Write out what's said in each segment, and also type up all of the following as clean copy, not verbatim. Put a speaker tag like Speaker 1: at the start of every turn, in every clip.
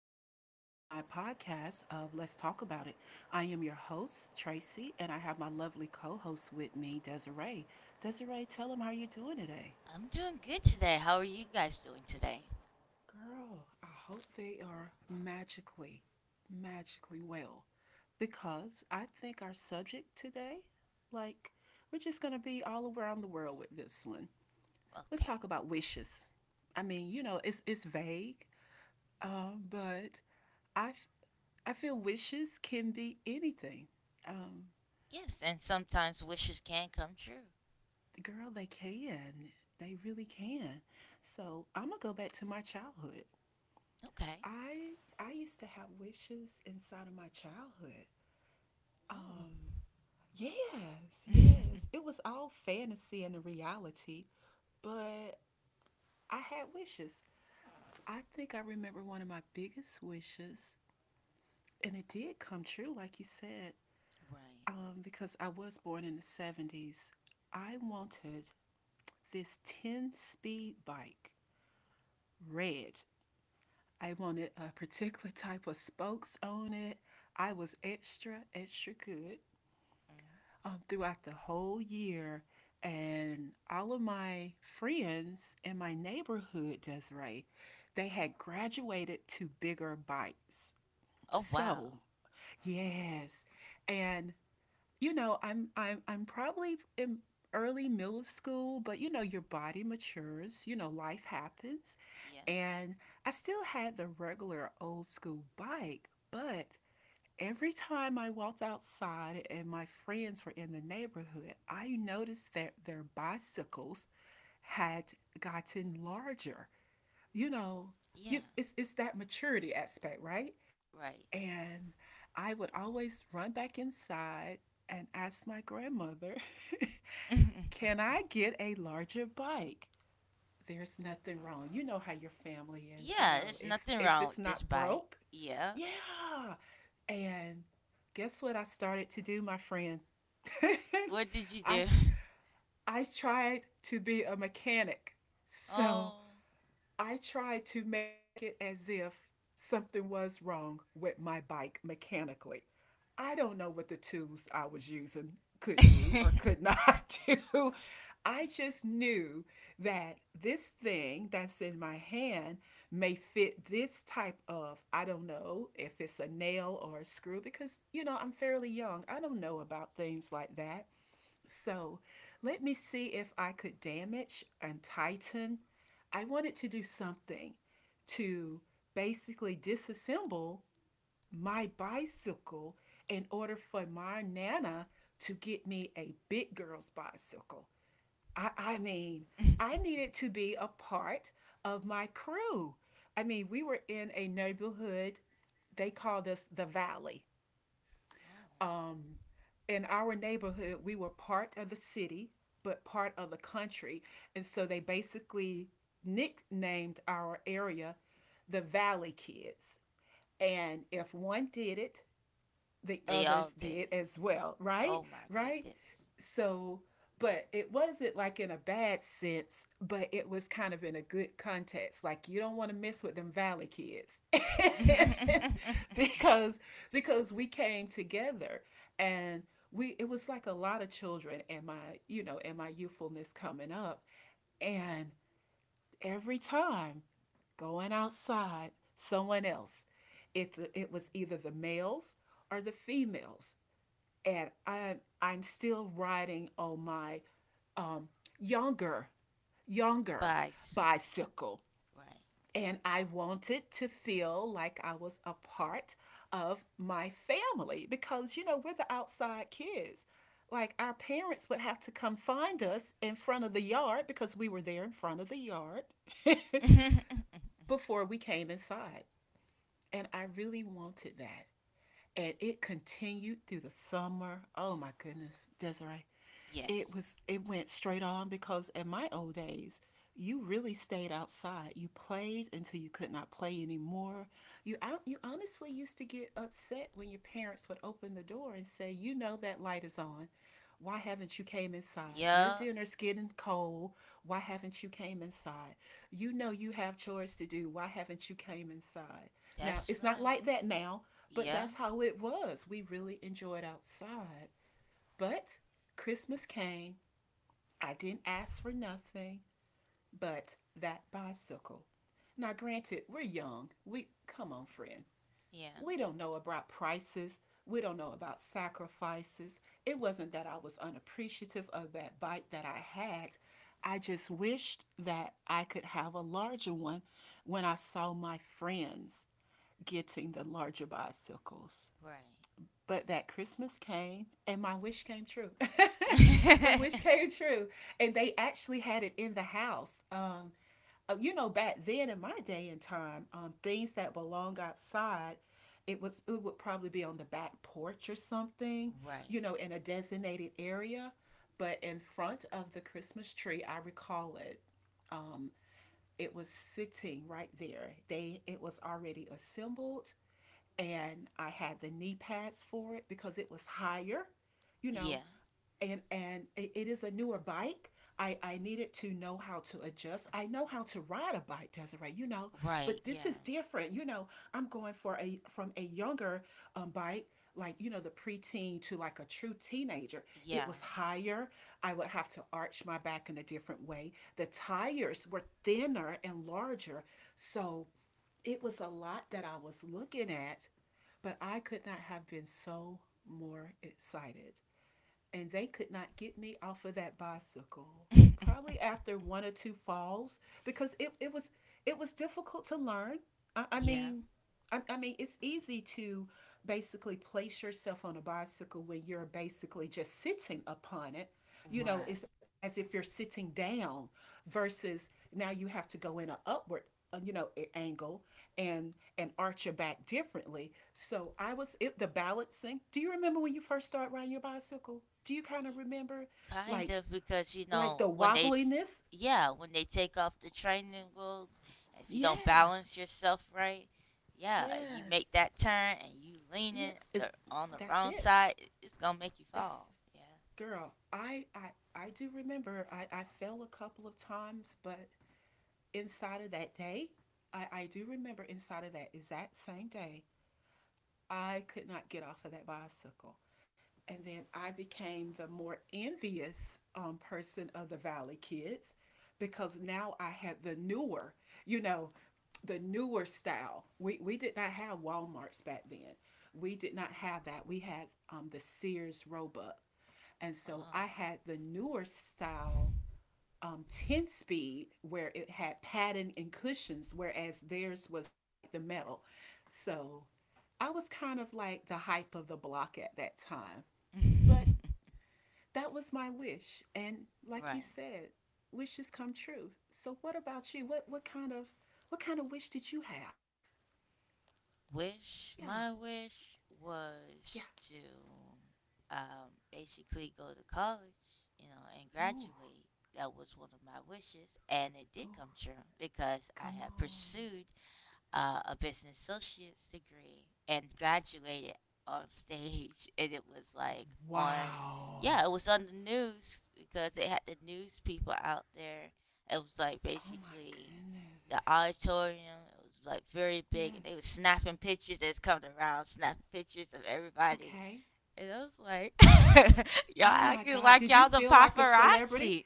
Speaker 1: returning to my podcast of Let's Talk About It. I am your host, Tracy, and I have my lovely co host with me, Desiree. Desiree, tell them how you're doing today.
Speaker 2: I'm doing good today. How are you guys doing today?
Speaker 1: Girl, I hope they are magically, magically well because I think our subject today, like, we're just going to be all around the world with this one. Let's
Speaker 2: Okay.
Speaker 1: talk about wishes. It's vague, but I, f- I feel wishes can be anything. Um,
Speaker 2: Yes, and sometimes wishes can come true.
Speaker 1: Girl, they can. They really can. So I'm gonna go back to my childhood.
Speaker 2: Okay.
Speaker 1: I I used to have wishes inside of my childhood.
Speaker 2: Oh.
Speaker 1: Um, yes, yes.
Speaker 2: Right.
Speaker 1: It was all fantasy and the reality, but I had wishes. I think I remember one of my biggest wishes, and it did come true, like you said, because I was born in the '70s. I wanted this 10 speed bike, red. I wanted a particular type of spokes on it. I was extra, extra good
Speaker 2: Mm.
Speaker 1: throughout the whole year. And all of my friends in my neighborhood, Desiree, they had graduated to bigger bikes.
Speaker 2: Oh, wow.
Speaker 1: So, yes. And I'm probably in early middle school, but you know, your body matures, you know, life happens.
Speaker 2: Yeah.
Speaker 1: And I still had the regular old school bike, but every time I walked outside and my friends were in the neighborhood, I noticed that their bicycles had gotten larger. You know,
Speaker 2: Yeah.
Speaker 1: it's that maturity aspect, right?
Speaker 2: Right.
Speaker 1: And I would always run back inside and ask my grandmother, can I get a larger bike? There's nothing wrong. You know how your family is. You
Speaker 2: Yeah,
Speaker 1: know,
Speaker 2: there's
Speaker 1: if
Speaker 2: nothing
Speaker 1: if
Speaker 2: wrong
Speaker 1: it's
Speaker 2: with this
Speaker 1: not
Speaker 2: bite.
Speaker 1: broke,
Speaker 2: Yeah.
Speaker 1: yeah. And guess what I started to do, my friend?
Speaker 2: What did you
Speaker 1: I
Speaker 2: do?
Speaker 1: I tried to be a mechanic. So
Speaker 2: Oh.
Speaker 1: I tried to make it as if something was wrong with my bike mechanically. I don't know what the tools I was using could do or
Speaker 2: Oh.
Speaker 1: could not do. I just knew that this thing that's in my hand may fit this type of, I don't know if it's a nail or a screw, because, you know, I'm fairly young. I don't know about things like that. So let me see if I could damage and tighten. I wanted to do something to basically disassemble my bicycle in order for my nana to get me a big girl's bicycle. I, I mean, I needed to be a part of my crew. I mean, we were in a neighborhood, they called us the Valley. Um, in our neighborhood, we were part of the city, but part of the country. And so they basically nicknamed our area the Valley Kids. And if one did it, the
Speaker 2: They
Speaker 1: others
Speaker 2: all did.
Speaker 1: did as well, right?
Speaker 2: Oh, my
Speaker 1: Right?
Speaker 2: goodness.
Speaker 1: So, but it wasn't like in a bad sense, but it was kind of in a good context. Like you don't want to mess with them valley kids. because because we came together and we it was like a lot of children and my youthfulness coming up and every time going outside someone else it was either the males or the females and I'm still riding on my um, younger younger
Speaker 2: Bicycle.
Speaker 1: bicycle,
Speaker 2: Right.
Speaker 1: and I wanted to feel like I was a part of my family because you know we're the outside kids. Like our parents would have to come find us in front of the yard because we were there in front of the yard before we came inside. And I really wanted that. And it continued through the summer. Oh my goodness, Desiree,
Speaker 2: Yes.
Speaker 1: it went straight on because in my old days you really stayed outside, you played until you could not play anymore. You honestly used to get upset when your parents would open the door and say, you know, that light is on, why haven't you came inside, your
Speaker 2: Yeah,
Speaker 1: dinner's getting cold, why haven't you came inside, you know you have chores to do, why haven't you came inside. Now
Speaker 2: that's
Speaker 1: it's not
Speaker 2: right.
Speaker 1: like that now, but that's
Speaker 2: Yeah,
Speaker 1: how it was, we really enjoyed outside. But Christmas came, I didn't ask for nothing but that bicycle. Now, granted, we're young. We, come on, friend.
Speaker 2: yeah,
Speaker 1: We don't know about prices. We don't know about sacrifices. It wasn't that I was unappreciative of that bike that I had. I just wished that I could have a larger one when I saw my friends getting the larger bicycles.
Speaker 2: right.
Speaker 1: But that Christmas came and my wish came true. my wish came true. And they actually had it in the house. You know, back then in my day and time, things that belong outside, it would probably be on the back porch or something,
Speaker 2: Right.
Speaker 1: you know, in a designated area. But in front of the Christmas tree, I recall it. Um, it was sitting right there. They It was already assembled and I had the knee pads for it because it was higher, you know,
Speaker 2: Yeah,
Speaker 1: and it is a newer bike. I needed to know how to adjust. I know how to ride a bike, Desiree, you know,
Speaker 2: right.
Speaker 1: but this
Speaker 2: Yeah,
Speaker 1: is different. You know, I'm going for a from a younger bike, like you know, the preteen to like a true teenager. It
Speaker 2: yeah,
Speaker 1: was higher. I would have to arch my back in a different way. The tires were thinner and larger, so it was a lot that I was looking at but I could not have been so more excited. And they could not get me off of that bicycle. Probably after one or two falls, because it was difficult to learn. I, I
Speaker 2: yeah,
Speaker 1: mean, I mean, it's easy to basically place yourself on a bicycle when you're basically just sitting upon it. You know,
Speaker 2: right.
Speaker 1: it's as if you're sitting down versus now you have to go in an upward, you know, angle and arch your back differently. So I was it, the balancing. Do you remember when you first started riding your bicycle? Do you kind of remember,
Speaker 2: Kind
Speaker 1: like
Speaker 2: of because, you
Speaker 1: the
Speaker 2: know, when they, s-
Speaker 1: wobbliness?
Speaker 2: yeah, when they take off the training wheels, if you don't
Speaker 1: Yes.
Speaker 2: balance yourself right, yeah, and you
Speaker 1: Yes.
Speaker 2: make that turn and you
Speaker 1: Yes.
Speaker 2: leaning on the
Speaker 1: That's
Speaker 2: wrong
Speaker 1: it.
Speaker 2: side, it- it's gonna make you
Speaker 1: That's
Speaker 2: fall. Yeah.
Speaker 1: Girl, I do remember I fell a couple of times, but inside of that day, I do remember inside of that exact same day, I could not get off of that bicycle. And then I became the more envious person of the Valley kids because now I had the newer, you know, the newer style. We did not have Walmarts back then. We did not have that. We had the Sears Roebuck. And so
Speaker 2: Oh.
Speaker 1: I had the newer style 10 speed where it had padding and cushions, whereas theirs was like the metal. So I was kind of like the hype of the block at that time. But that was my wish. And like you
Speaker 2: Right.
Speaker 1: said, wishes come true. So what about you? What what kind of wish did you have?
Speaker 2: Wish
Speaker 1: Yeah,
Speaker 2: my wish
Speaker 1: yeah.
Speaker 2: was to basically go to college, you know, and
Speaker 1: Ooh,
Speaker 2: graduate. That was one of my wishes, and it did come true because I
Speaker 1: come
Speaker 2: have
Speaker 1: on.
Speaker 2: pursued a business associate's degree and graduated on stage and it was like on yeah, it
Speaker 1: Wow.
Speaker 2: was on the news because they had the news people out there. It was like
Speaker 1: Oh my
Speaker 2: basically the
Speaker 1: goodness.
Speaker 2: auditorium. It was like very big
Speaker 1: Yes.
Speaker 2: and they were snapping pictures. They was coming around snapping pictures of everybody,
Speaker 1: Okay.
Speaker 2: and I was like y'all
Speaker 1: Oh my
Speaker 2: acting
Speaker 1: God.
Speaker 2: like
Speaker 1: Did you
Speaker 2: y'all the
Speaker 1: feel like a celebrity?
Speaker 2: paparazzi.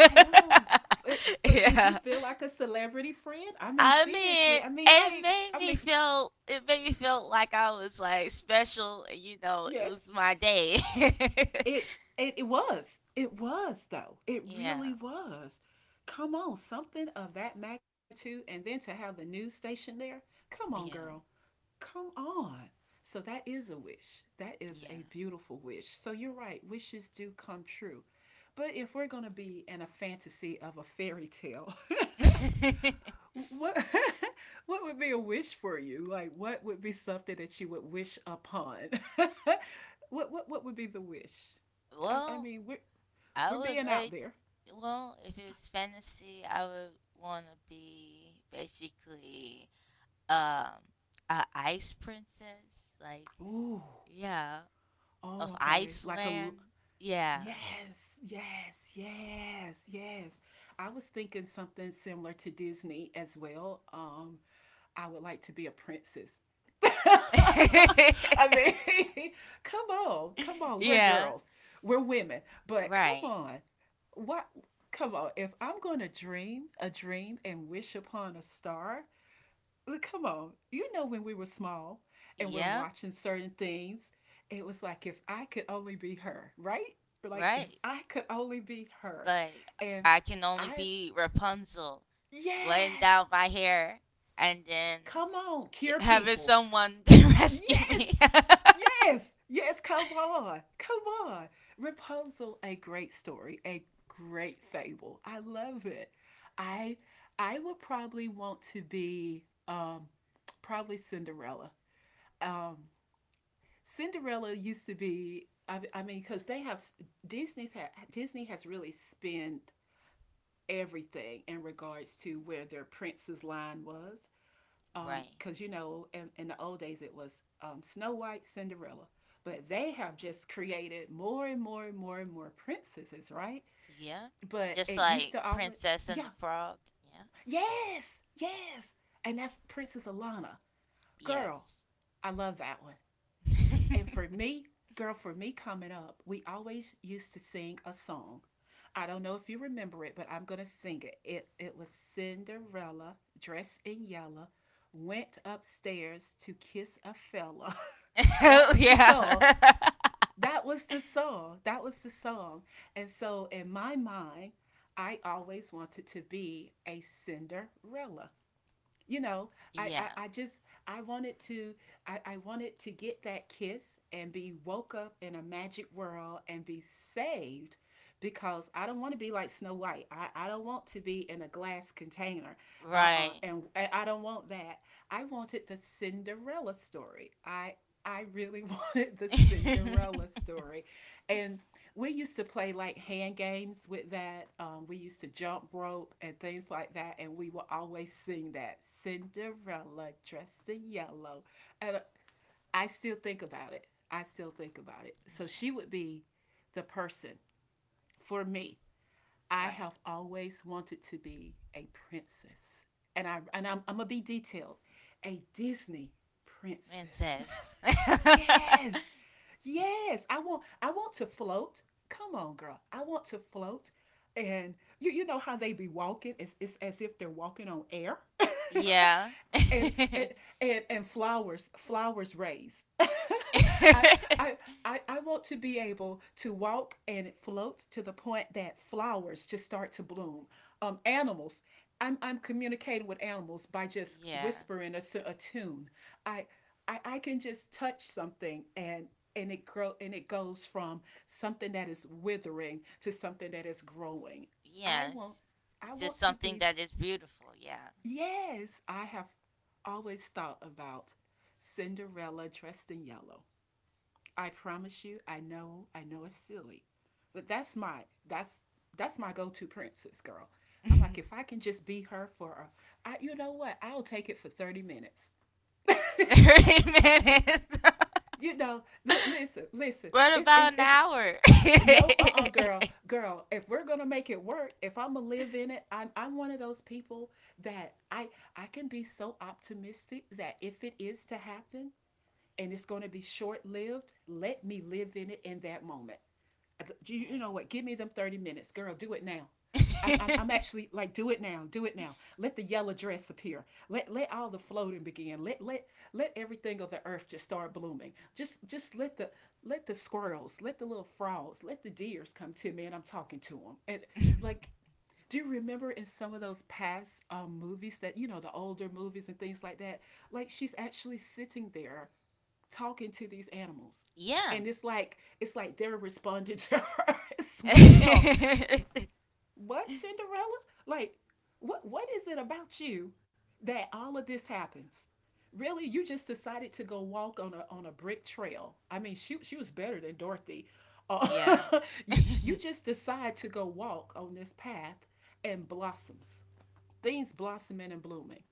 Speaker 1: I know. But did you
Speaker 2: Yeah,
Speaker 1: feel like a celebrity friend? I mean,
Speaker 2: I
Speaker 1: seriously.
Speaker 2: mean,
Speaker 1: I mean,
Speaker 2: it
Speaker 1: like,
Speaker 2: made
Speaker 1: I
Speaker 2: me
Speaker 1: mean,
Speaker 2: feel it made me feel like I was like special, and, you know, it
Speaker 1: yes,
Speaker 2: was my day.
Speaker 1: it, it was. It was, though. It
Speaker 2: Yeah,
Speaker 1: really was. Come on, something of that magnitude, and then to have the news station there. Come on,
Speaker 2: yeah,
Speaker 1: girl. Come on. So that is a wish. That is a
Speaker 2: yeah.
Speaker 1: beautiful wish. So you're right, wishes do come true. But if we're going to be in a fantasy of a fairy tale, what what would be a wish for you? Like what would be something that you would wish upon? What would be the wish?
Speaker 2: Well,
Speaker 1: We're
Speaker 2: I would
Speaker 1: being out
Speaker 2: like,
Speaker 1: there.
Speaker 2: well, if it was fantasy, I would want to be basically um a ice princess, like
Speaker 1: Ooh.
Speaker 2: yeah,
Speaker 1: Oh,
Speaker 2: of
Speaker 1: okay. Like a
Speaker 2: Iceland. Yeah.
Speaker 1: yes, yes, yes, yes. I was thinking something similar to Disney as well. I would like to be a princess. I mean, come on, come on. We're
Speaker 2: Yeah.
Speaker 1: girls, we're women, but come
Speaker 2: Right.
Speaker 1: on, what? Come on. If I'm going to dream a dream and wish upon a star, come on. You know, when we were small and we're
Speaker 2: Yeah,
Speaker 1: watching certain things, it was like if I could only be her, right? Like if
Speaker 2: right.
Speaker 1: I could only be her,
Speaker 2: Like
Speaker 1: and
Speaker 2: I can only
Speaker 1: I
Speaker 2: be Rapunzel, laying
Speaker 1: yes,
Speaker 2: down my hair and then
Speaker 1: come on, cure
Speaker 2: having
Speaker 1: people.
Speaker 2: someone to rescue
Speaker 1: Yes,
Speaker 2: me.
Speaker 1: yes, yes, come on, come on. Rapunzel, a great story, a great fable. I love it. I I would probably want to be probably Cinderella. Um, Cinderella used to be. I mean, because they have Disney has really spent everything in regards to where their prince's line was.
Speaker 2: Right.
Speaker 1: Because you know in the old days it was Snow White, Cinderella, but they have just created more and more and more and more princesses, right?
Speaker 2: Yeah.
Speaker 1: But
Speaker 2: Just
Speaker 1: it used
Speaker 2: like
Speaker 1: to always...
Speaker 2: Princess and the
Speaker 1: Yeah,
Speaker 2: Frog.
Speaker 1: yes, yes, and that's Princess Alana,
Speaker 2: Yeah.
Speaker 1: girl.
Speaker 2: Yes.
Speaker 1: I love that one. and for me, Girl, for me coming up, we always used to sing a song. I don't know if you remember it, but I'm gonna sing it. It was Cinderella dressed in yellow, went upstairs to kiss a fella. That
Speaker 2: Oh
Speaker 1: was the song.
Speaker 2: yeah.
Speaker 1: That was the song. That was the song. And so in my mind, I always wanted to be a Cinderella you know
Speaker 2: Yeah.
Speaker 1: I just I wanted to... I wanted to get that kiss and be woke up in a magic world and be saved, because I don't want to be like Snow White. I don't want to be in a glass container. Uh-uh,
Speaker 2: Right.
Speaker 1: and I don't want that. I wanted the Cinderella story. I really wanted the
Speaker 2: Yeah.
Speaker 1: Cinderella story. And we used to play like hand games with that. We used to jump rope and things like that, and we would always sing that Cinderella dressed in yellow. And I still think about it. I still think about it. So she would be the person for me. I
Speaker 2: Right.
Speaker 1: have always wanted to be a princess, and I'm gonna be detailed, a Disney princess.
Speaker 2: Princess.
Speaker 1: Yes, yes, I want to float. Come on, girl. I want to float. And you know how they be walking? It's as if they're walking on air.
Speaker 2: Yeah.
Speaker 1: and and and flowers raise. I, I I want to be able to walk and float to the point that flowers just start to bloom. Um, animals. I'm communicating with animals by just
Speaker 2: Yeah.
Speaker 1: whispering a tune. I, I can just touch something, and it grow, and it goes from something that is withering to something that is growing. i want
Speaker 2: Yes.
Speaker 1: I
Speaker 2: It's
Speaker 1: want
Speaker 2: just
Speaker 1: to
Speaker 2: something
Speaker 1: be...
Speaker 2: that is beautiful. Yeah.
Speaker 1: Yes, I have always thought about Cinderella dressed in yellow. I promise you, I know it's silly, but that's that's my go-to princess, girl. I'm like, if I can just be her for you know what? I'll take it for 30 minutes.
Speaker 2: 30
Speaker 1: Just,
Speaker 2: minutes.
Speaker 1: you know, listen, listen.
Speaker 2: What about an
Speaker 1: It's...
Speaker 2: hour?
Speaker 1: No, uh, girl, girl, if we're gonna make it work, if I'm gonna live in it, I'm one of those people, that I can be so optimistic that if it is to happen, and it's going to be short lived, let me live in it in that moment. You know what? Give me them 30 minutes. Girl, do it now.
Speaker 2: Right.
Speaker 1: I'm actually like, do it now, do it now. Let the yellow dress appear. Let all the floating begin. Let let let everything of the earth just start blooming. Just let the squirrels, let the little frogs, let the deers come to me, and I'm talking to them. And like, do you remember in some of those past movies, that you know, the older movies and things like that, like she's actually sitting there talking to these animals?
Speaker 2: Yeah.
Speaker 1: And it's like they're responding to her as well. What, Cinderella? Like, what is it about you that all of this happens? Really, you just decided to go walk on a brick trail. I mean, she was better than Dorothy.
Speaker 2: Yeah.
Speaker 1: Uh, you just decide to go walk on this path, and blossoms. Things blossoming and blooming.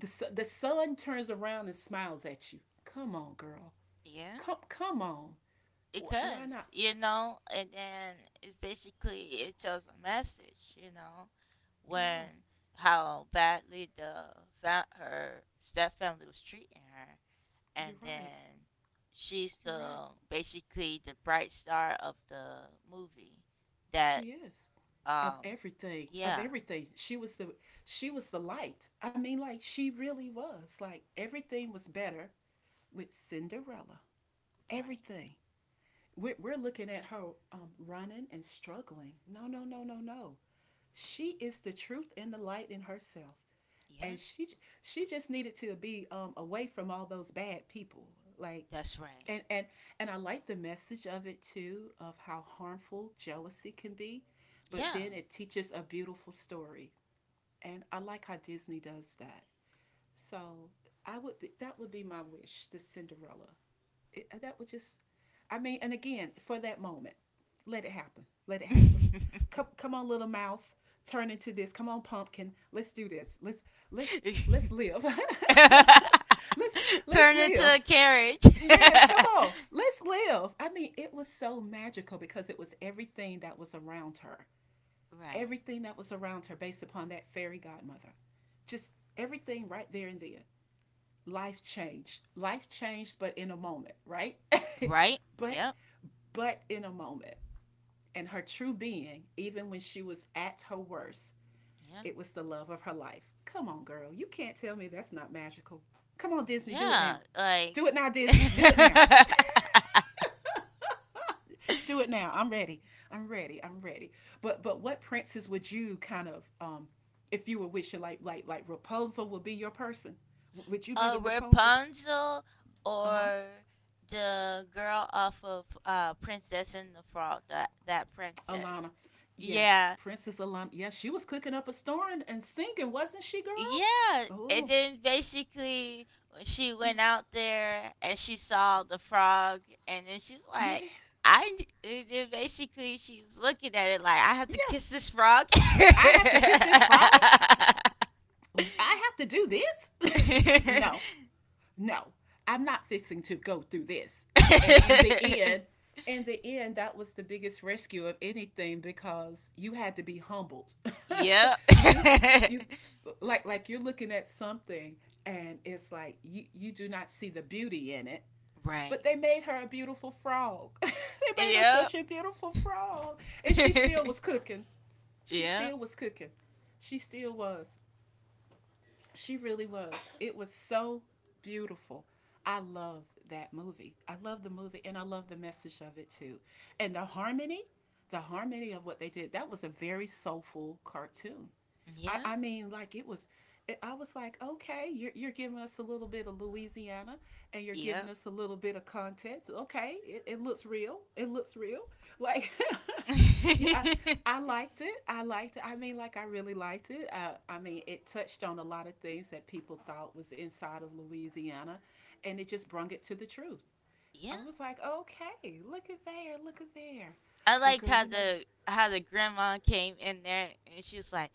Speaker 1: The, the sun turns around and smiles at you. Come on, girl.
Speaker 2: Yeah.
Speaker 1: Come, come on. Why
Speaker 2: Because
Speaker 1: not?
Speaker 2: you know, and then it's basically, it shows a message, you know, when
Speaker 1: Yeah,
Speaker 2: how badly the fa- her step family was treating her, and
Speaker 1: you're right.
Speaker 2: then she's
Speaker 1: You're right.
Speaker 2: the basically the bright star of the movie, that
Speaker 1: She is of
Speaker 2: um
Speaker 1: everything. Of
Speaker 2: yeah,
Speaker 1: everything. She was the light. I mean, like she really was. Like everything was better with Cinderella.
Speaker 2: right,
Speaker 1: Everything. We're looking at her, running and struggling. No, no, no, no, no. She is the truth and the light in herself,
Speaker 2: yeah,
Speaker 1: and she just needed to be, away from all those bad people. Like,
Speaker 2: that's right,
Speaker 1: and and and I like the message of it too, of how harmful jealousy can be, but
Speaker 2: yeah.
Speaker 1: then it teaches a beautiful story, and I like how Disney does that. So I would be, that would be my wish to Cinderella. It, that would just, I mean, and again, for that moment, let it happen. Let it happen. Come, come on, little mouse, turn into this. Come on, pumpkin, let's do this. Let's let's live. let's let's
Speaker 2: Turn into
Speaker 1: live.
Speaker 2: a carriage.
Speaker 1: Yes, come on. Let's live. I mean, it was so magical, because it was everything that was around her.
Speaker 2: Right.
Speaker 1: Everything that was around her, based upon that fairy godmother. Just everything right there and then. Life changed. Life changed, but in a moment, right?
Speaker 2: Right?
Speaker 1: but
Speaker 2: Yep.
Speaker 1: but in a moment. And her true being, even when she was at her worst,
Speaker 2: Yeah.
Speaker 1: it was the love of her life. Come on, girl. You can't tell me that's not magical. Come on, Disney, do it now.
Speaker 2: Yeah. Like
Speaker 1: Do it now, Disney. Do it now. Do it now. I'm ready. I'm ready. I'm ready. But what princess would you kind of, um, if you were wishing, like Rapunzel would be your person? Would you be
Speaker 2: uh,
Speaker 1: the Rapunzel?
Speaker 2: Rapunzel
Speaker 1: Uh-huh.
Speaker 2: or the girl off of uh, Princess and the Frog, that that princess.
Speaker 1: Alana. Yes,
Speaker 2: Yeah.
Speaker 1: Princess Alana. Yes, she was cooking up a storm and singing, wasn't she, girl?
Speaker 2: Yeah, and
Speaker 1: Oh,
Speaker 2: then basically when she
Speaker 1: yeah.
Speaker 2: went out there and she saw the frog, and then she's like,
Speaker 1: Yes.
Speaker 2: "I." n- And then basically she was looking at it like, "I have to
Speaker 1: Yeah.
Speaker 2: kiss this frog."
Speaker 1: I have to kiss this frog? I have to do this? No. No, I'm not fixing to go through this. And in the end, that was the biggest rescue of anything, because you had to be humbled.
Speaker 2: Yep.
Speaker 1: you, you, like you're looking at something, and it's like, you do not see the beauty in it. But
Speaker 2: Right.
Speaker 1: they made her a beautiful frog. They made her
Speaker 2: Yep.
Speaker 1: such a beautiful frog. And she still was cooking. She
Speaker 2: Yep.
Speaker 1: still was cooking. She still was. She really was. It was so beautiful. I love that movie. I love the movie, and I love the message of it too. And the harmony of what they did, that was a very soulful cartoon. I,
Speaker 2: Yep.
Speaker 1: I mean, like it was, I was like, okay, you're giving us a little bit of Louisiana, and you're giving
Speaker 2: Yep.
Speaker 1: us a little bit of context. Okay, it looks real. It looks real. Like, you, I, I liked it. I liked it. I mean, like, I really liked it. I mean, it touched on a lot of things that people thought was inside of Louisiana, and it just brung it to the truth. I
Speaker 2: Yeah.
Speaker 1: was like, okay, look at there, look at there.
Speaker 2: I
Speaker 1: Well,
Speaker 2: like
Speaker 1: girl, you know,
Speaker 2: how the grandma came in there and she was like,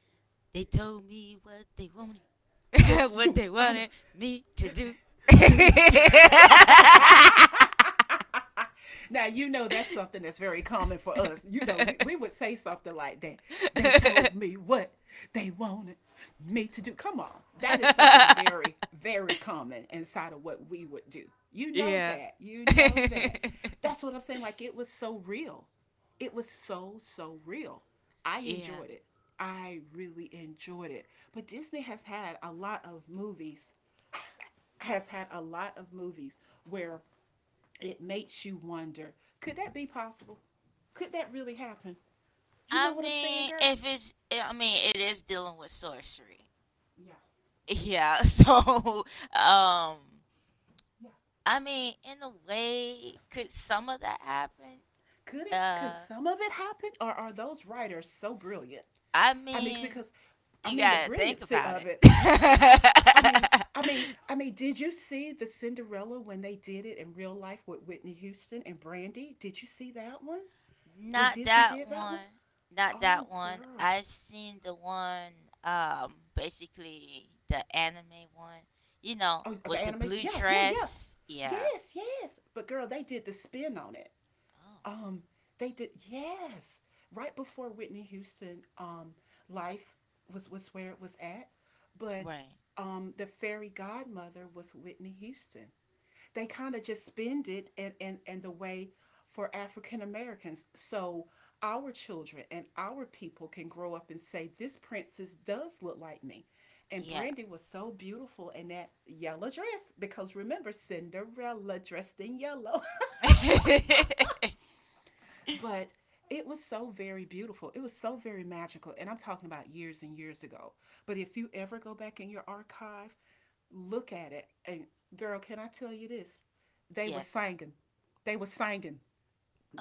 Speaker 2: "They told me what they wanted,
Speaker 1: that's
Speaker 2: what
Speaker 1: do.
Speaker 2: they
Speaker 1: I know,
Speaker 2: wanted me to do."
Speaker 1: do. Now you know that's something that's very common for us. You know, we would say something like that. They told me what they wanted me to do. Come on. That is something very, very common inside of what we would do. You know
Speaker 2: Yeah.
Speaker 1: that. You know that. That's what I'm saying. Like it was so real. It was so, so real. I
Speaker 2: Yeah.
Speaker 1: enjoyed it. I really enjoyed it. But Disney has had a lot of movies, has had a lot of movies where it makes you wonder, could that be possible? Could that really happen? You
Speaker 2: I
Speaker 1: know what I'm saying,
Speaker 2: mean,
Speaker 1: girl?
Speaker 2: if it's, I mean, it is dealing with sorcery.
Speaker 1: Yeah. Yeah.
Speaker 2: Yeah, so um
Speaker 1: Yeah.
Speaker 2: I mean, in a way, could some of that happen?
Speaker 1: Could it? Could
Speaker 2: Uh,
Speaker 1: some of it happen? Or are those writers so brilliant?
Speaker 2: I
Speaker 1: I mean,
Speaker 2: mean,
Speaker 1: because, I
Speaker 2: you
Speaker 1: mean, the
Speaker 2: gotta think
Speaker 1: brilliancy
Speaker 2: about
Speaker 1: of
Speaker 2: it.
Speaker 1: it. I, I mean, did you see the Cinderella when they did it in real life with Whitney Houston and Brandy? Did you see that one? When
Speaker 2: Not
Speaker 1: Disney
Speaker 2: that
Speaker 1: did that one?
Speaker 2: one. Not that
Speaker 1: Oh,
Speaker 2: one.
Speaker 1: girl.
Speaker 2: I seen the one, basically the anime one. You know,
Speaker 1: Oh, the
Speaker 2: with the
Speaker 1: animation.
Speaker 2: blue
Speaker 1: Yeah, yeah, yeah.
Speaker 2: dress. Yeah.
Speaker 1: Yes, yes. But girl, they did the spin on it.
Speaker 2: Oh,
Speaker 1: Um, they did, yes, right before Whitney Houston, um, life was where it was at, but
Speaker 2: right.
Speaker 1: um, the fairy godmother was Whitney Houston. They kind of just spend it, and and the way, for African Americans, so our children and our people can grow up and say this princess does look like me. And
Speaker 2: Yeah.
Speaker 1: Brandy was so beautiful in that yellow dress, because remember, Cinderella dressed in yellow. But it was so very beautiful. It was so very magical. And I'm talking about years and years ago. But if you ever go back in your archive, look at it. And girl, can I tell you this? They were
Speaker 2: Yes.
Speaker 1: singing. They were singing.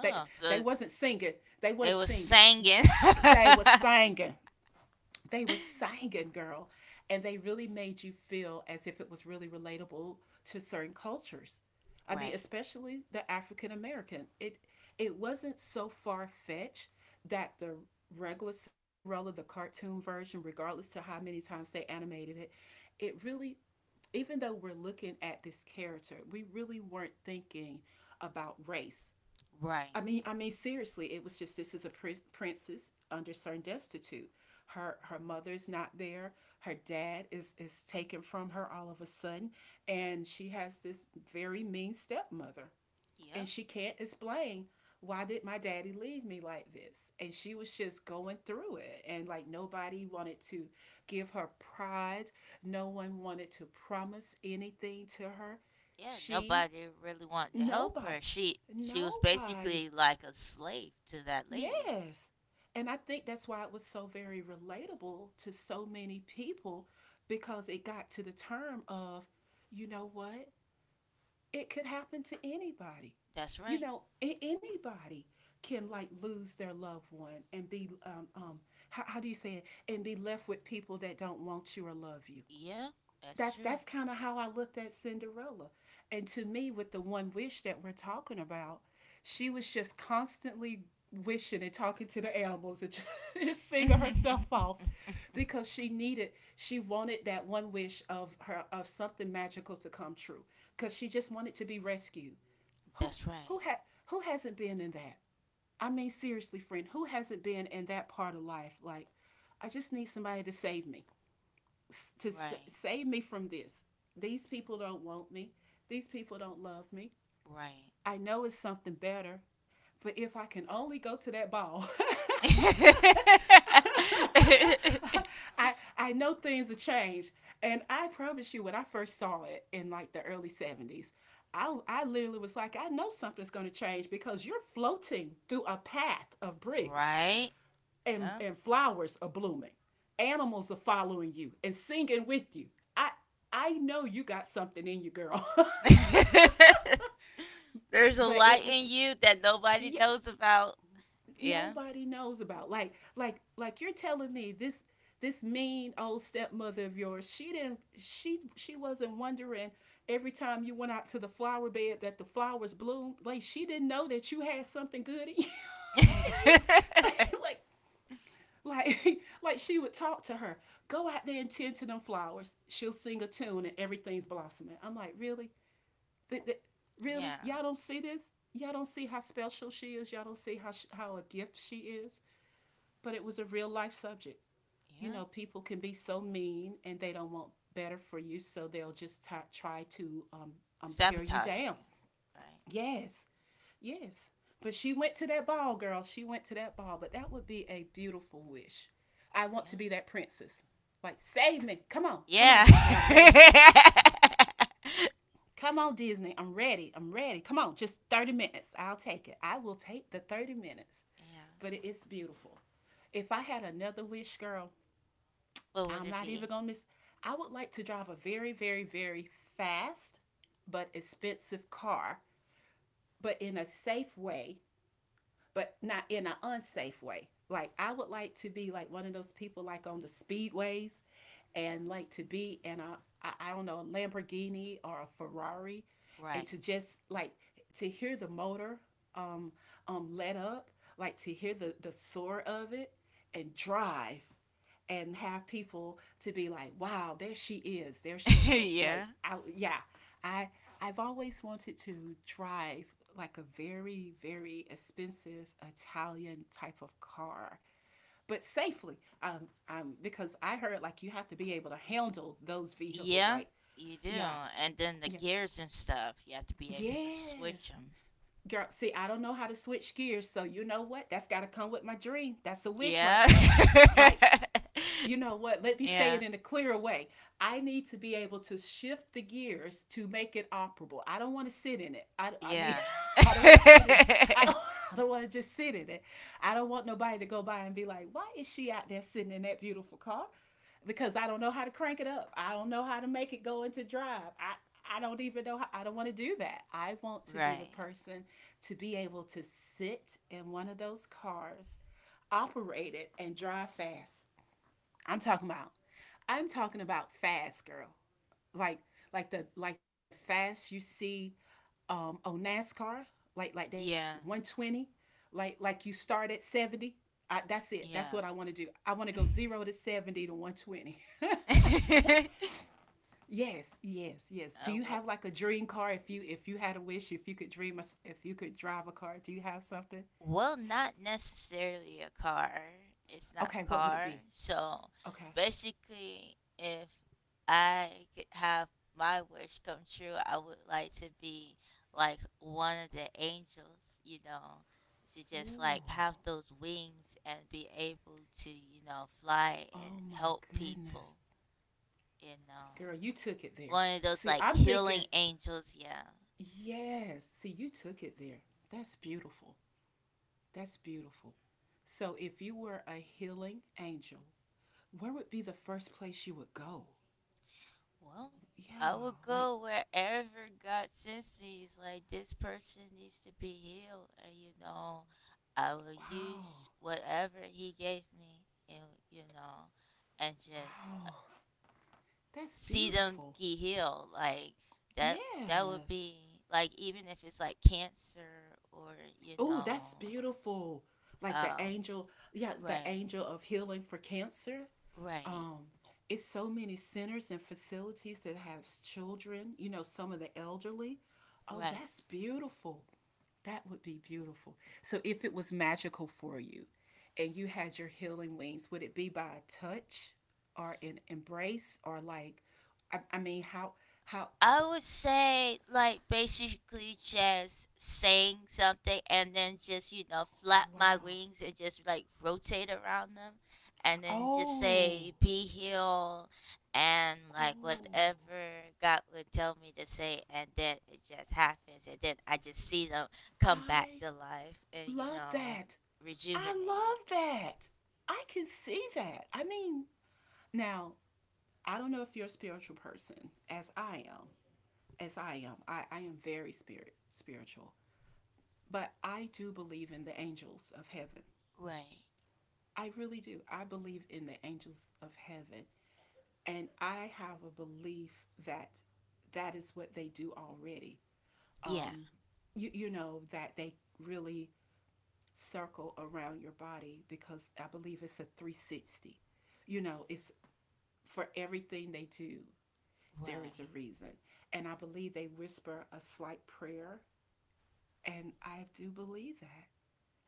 Speaker 2: so
Speaker 1: They
Speaker 2: it's,
Speaker 1: wasn't singing. They
Speaker 2: they
Speaker 1: was
Speaker 2: were
Speaker 1: singing.
Speaker 2: singing.
Speaker 1: They were singing they were singing, girl, and they really made you feel as if it was really relatable to certain cultures. I mean,
Speaker 2: Right.
Speaker 1: especially the African American. It wasn't so far fetched that the regular Cinderella, the cartoon version, regardless to how many times they animated it, it really, even though we're looking at this character, we really weren't thinking about race.
Speaker 2: Right.
Speaker 1: I mean, seriously, it was just this is a princess under certain destitute. Her mother's not there. Her dad is taken from her all of a sudden, and she has this very mean stepmother,
Speaker 2: Yeah.
Speaker 1: and she can't explain why did my daddy leave me like this? And she was just going through it. And like nobody wanted to give her pride, no one wanted to promise anything to her.
Speaker 2: Yeah.
Speaker 1: She,
Speaker 2: Nobody really wanted to help her.
Speaker 1: nobody,
Speaker 2: She was
Speaker 1: nobody.
Speaker 2: basically like a slave to that lady.
Speaker 1: Yes. And I think that's why it was so very relatable to so many people because it got to the term of, you know what? It could happen to anybody.
Speaker 2: That's
Speaker 1: You
Speaker 2: right.
Speaker 1: know, anybody can like lose their loved one and be how do you say it and be left with people that don't want you or love you.
Speaker 2: Yeah. That's
Speaker 1: that's
Speaker 2: true.
Speaker 1: that's kind of how I looked at Cinderella. And to me, with the one wish that we're talking about, she was just constantly wishing and talking to the animals and just, just singing herself off because she wanted that one wish of her of something magical to come true because she just wanted to be rescued. who
Speaker 2: That's
Speaker 1: who
Speaker 2: right.
Speaker 1: had who hasn't been in that? I mean, seriously, friend, who hasn't been in that part of life? Like, I just need somebody to save me, to
Speaker 2: Right.
Speaker 1: save me from this. These people don't want me. These people don't love me.
Speaker 2: Right.
Speaker 1: I know it's something better, but if I can only go to that ball. I know things have changed, and I promise you, when I first saw it in like the early 70s, I literally was like, I know something's going to change because you're floating through a path of bricks
Speaker 2: Right.
Speaker 1: and,
Speaker 2: Yeah.
Speaker 1: and flowers are blooming. Animals are following you and singing with you. I I know you got something in you, girl.
Speaker 2: There's a
Speaker 1: But it
Speaker 2: light
Speaker 1: was,
Speaker 2: in you that nobody
Speaker 1: yeah,
Speaker 2: knows about. Yeah.
Speaker 1: nobody knows about. Like you're telling me this, this mean old stepmother of yours, she wasn't wondering every time you went out to the flower bed that the flowers bloomed. Like she didn't know that you had something good in you. You like. Like like she would talk to her. Go out there and tend to them flowers. She'll sing a tune and everything's blossoming. I'm like, really? Th- th- really?
Speaker 2: Yeah.
Speaker 1: Y'all don't see this? Y'all don't see how special she is. Y'all don't see how how a gift she is. But it was a real life subject. You
Speaker 2: Yeah.
Speaker 1: know, people can be so mean and they don't want better for you, so they'll just try to tear you
Speaker 2: Sabotage
Speaker 1: down.
Speaker 2: you. Right?
Speaker 1: Yes, yes. But she went to that ball, girl. She went to that ball. But that would be a beautiful wish. I want to be that princess. Like, save me. Come on. Come on,
Speaker 2: Yeah.
Speaker 1: Disney. I'm
Speaker 2: Yeah.
Speaker 1: ready. Come on, Disney. I'm ready. I'm ready. Come on. Just 30 minutes. I'll take it. I will take the 30 minutes.
Speaker 2: Yeah.
Speaker 1: But it is beautiful. If I had another wish, girl,
Speaker 2: What would
Speaker 1: I'm
Speaker 2: it
Speaker 1: not
Speaker 2: be?
Speaker 1: even going to miss. I would like to drive a very, very, very fast but expensive car, but in a safe way but not in an unsafe way. Like I would like to be like one of those people like on the speedways and like to be in a, I don't know, Lamborghini or a Ferrari, and
Speaker 2: Right.
Speaker 1: to just like to hear the motor, um let up, like to hear the soar of it and drive and have people to be like, wow, there she is, there she go. Like,
Speaker 2: Yeah.
Speaker 1: I, yeah, I I've always wanted to drive like a very very expensive Italian type of car, but safely. Because I heard like you have to be able to handle those vehicles.
Speaker 2: Yeah.
Speaker 1: Like,
Speaker 2: You do.
Speaker 1: yeah,
Speaker 2: And then the
Speaker 1: yeah,
Speaker 2: gears and stuff, you have to be able to switch
Speaker 1: yes.
Speaker 2: them.
Speaker 1: Girl, see, I don't know how to switch gears, so you know what? That's got to come with my dream. That's a wish right
Speaker 2: Yeah.
Speaker 1: there. Like, you know what? Let me say
Speaker 2: Yeah.
Speaker 1: it in a clearer way. I need to be able to shift the gears to make it operable. I don't want to sit in it. I mean,
Speaker 2: Yeah.
Speaker 1: I don't want to sit in it. I don't, I don't want to just sit in it. I don't want nobody to go by and be like, why is she out there sitting in that beautiful car? Because I don't know how to crank it up. I don't know how to make it go into drive. I don't even know how, I don't want to do that. I want to be the
Speaker 2: Right.
Speaker 1: person to be able to sit in one of those cars, operate it, and drive fast. I'm talking about I'm talking about fast, girl. Like like the fast you see on NASCAR, like that
Speaker 2: Yeah.
Speaker 1: 120, like you start at 70. I, that's it. That's what I
Speaker 2: Yeah.
Speaker 1: want to do. I want to go 0 to 70 to 120.
Speaker 2: uh,
Speaker 1: Yes, yes, yes. Do you
Speaker 2: w-
Speaker 1: have like a dream car, if you had a wish, if you could dream a, if you could drive a car, do you have something?
Speaker 2: Well, not necessarily a car. It's not
Speaker 1: Okay,
Speaker 2: a
Speaker 1: what would it
Speaker 2: car.
Speaker 1: be?
Speaker 2: So
Speaker 1: Okay.
Speaker 2: basically, if I could have my wish come true, I would like to be like one of the angels, you know, to just like
Speaker 1: Oh,
Speaker 2: have those wings and be able to, you know, fly and
Speaker 1: oh my
Speaker 2: help
Speaker 1: goodness.
Speaker 2: people, you know.
Speaker 1: Girl, you took it there.
Speaker 2: One of those
Speaker 1: See,
Speaker 2: like
Speaker 1: I'm
Speaker 2: healing
Speaker 1: thinking.
Speaker 2: angels, yeah.
Speaker 1: Yes. See, you took it there. That's beautiful. That's beautiful. So, if you were a healing angel, where would be the first place you would go?
Speaker 2: Well, I
Speaker 1: Yeah.
Speaker 2: would
Speaker 1: Like,
Speaker 2: go wherever God sends me. It's like this person needs to be healed, and you know, I will
Speaker 1: wow.
Speaker 2: use whatever He gave me, and you know, and just
Speaker 1: Oh, that's
Speaker 2: see them
Speaker 1: beautiful.
Speaker 2: get healed. Like that. That would
Speaker 1: Yes.
Speaker 2: be like even if it's like cancer or you
Speaker 1: Oh,
Speaker 2: know,
Speaker 1: that's beautiful. Like the
Speaker 2: um,
Speaker 1: angel, yeah, the
Speaker 2: right,
Speaker 1: angel of healing for cancer.
Speaker 2: right,
Speaker 1: Um, it's so many centers and facilities that have children, you know, some of the elderly. Oh,
Speaker 2: right.
Speaker 1: that's beautiful. That would be beautiful. So if it was magical for you and you had your healing wings, would it be by a touch or an embrace or like, I mean how
Speaker 2: I would say like basically just saying something and then just, you know, flap my
Speaker 1: wow.
Speaker 2: wings and just like rotate around them and then just
Speaker 1: Oh.
Speaker 2: say be healed and like
Speaker 1: Oh.
Speaker 2: whatever God would tell me to say and then it just happens and then I just see them come
Speaker 1: I
Speaker 2: back to life and you
Speaker 1: love
Speaker 2: know
Speaker 1: that. I
Speaker 2: rejuvenate.
Speaker 1: love that. I can see that. I mean, now, I don't know if you're a spiritual person as I am. As I am. I am very spiritual. But I do believe in the angels of heaven.
Speaker 2: Right.
Speaker 1: I really do. I believe in the angels of heaven. And I have a belief that that is what they do already.
Speaker 2: Yeah.
Speaker 1: Um, you know, that they really circle around your body because I believe it's a 360. You know, it's for everything they do, there is a
Speaker 2: Right.
Speaker 1: reason. And I believe they whisper a slight prayer. And I do believe that.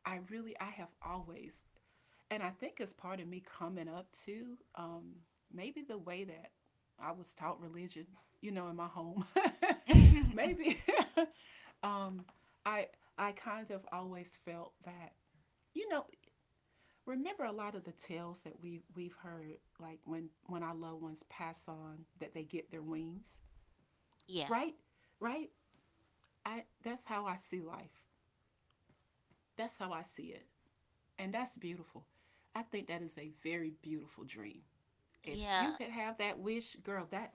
Speaker 1: I really, I have always, and I think it's part of me coming up to maybe the way that I was taught religion, you know, in my home. Maybe um, I I kind of always felt that, you know, remember a lot of the tales that we've heard like when our loved ones pass on that they get their wings.
Speaker 2: Yeah.
Speaker 1: Right, right. I, that's how I see life, that's how I see it, and that's beautiful. I think that is a very beautiful dream. If you
Speaker 2: Yeah.
Speaker 1: could have that wish, girl, that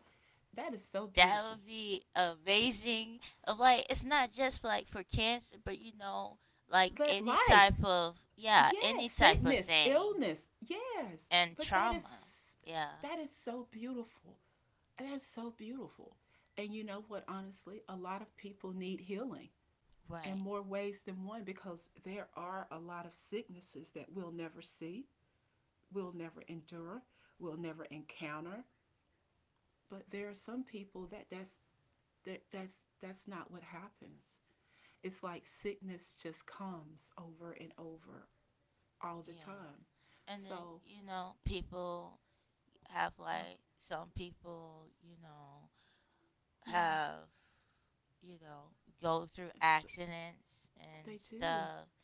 Speaker 1: that is so
Speaker 2: That
Speaker 1: beautiful.
Speaker 2: would be amazing. Of like, it's not just for, like for cancer, but you know, like
Speaker 1: But
Speaker 2: any
Speaker 1: life,
Speaker 2: type of yeah,
Speaker 1: yes,
Speaker 2: any type of
Speaker 1: sickness,
Speaker 2: thing
Speaker 1: illness, yes,
Speaker 2: and
Speaker 1: but that
Speaker 2: trauma.
Speaker 1: is,
Speaker 2: Yeah,
Speaker 1: that is so beautiful. And that's so beautiful. And you know what, honestly, a lot of people need healing in
Speaker 2: right.
Speaker 1: more ways than one because there are a lot of sicknesses that we'll never see, we'll never endure, we'll never encounter. But there are some people that that's that, that's not what happens. It's like sickness just comes over and over all the
Speaker 2: Yeah,
Speaker 1: time.
Speaker 2: and then
Speaker 1: So,
Speaker 2: you know, people have
Speaker 1: well,
Speaker 2: like some people, you know,
Speaker 1: yeah,
Speaker 2: have you know go through
Speaker 1: it's,
Speaker 2: accidents and
Speaker 1: they do.
Speaker 2: stuff,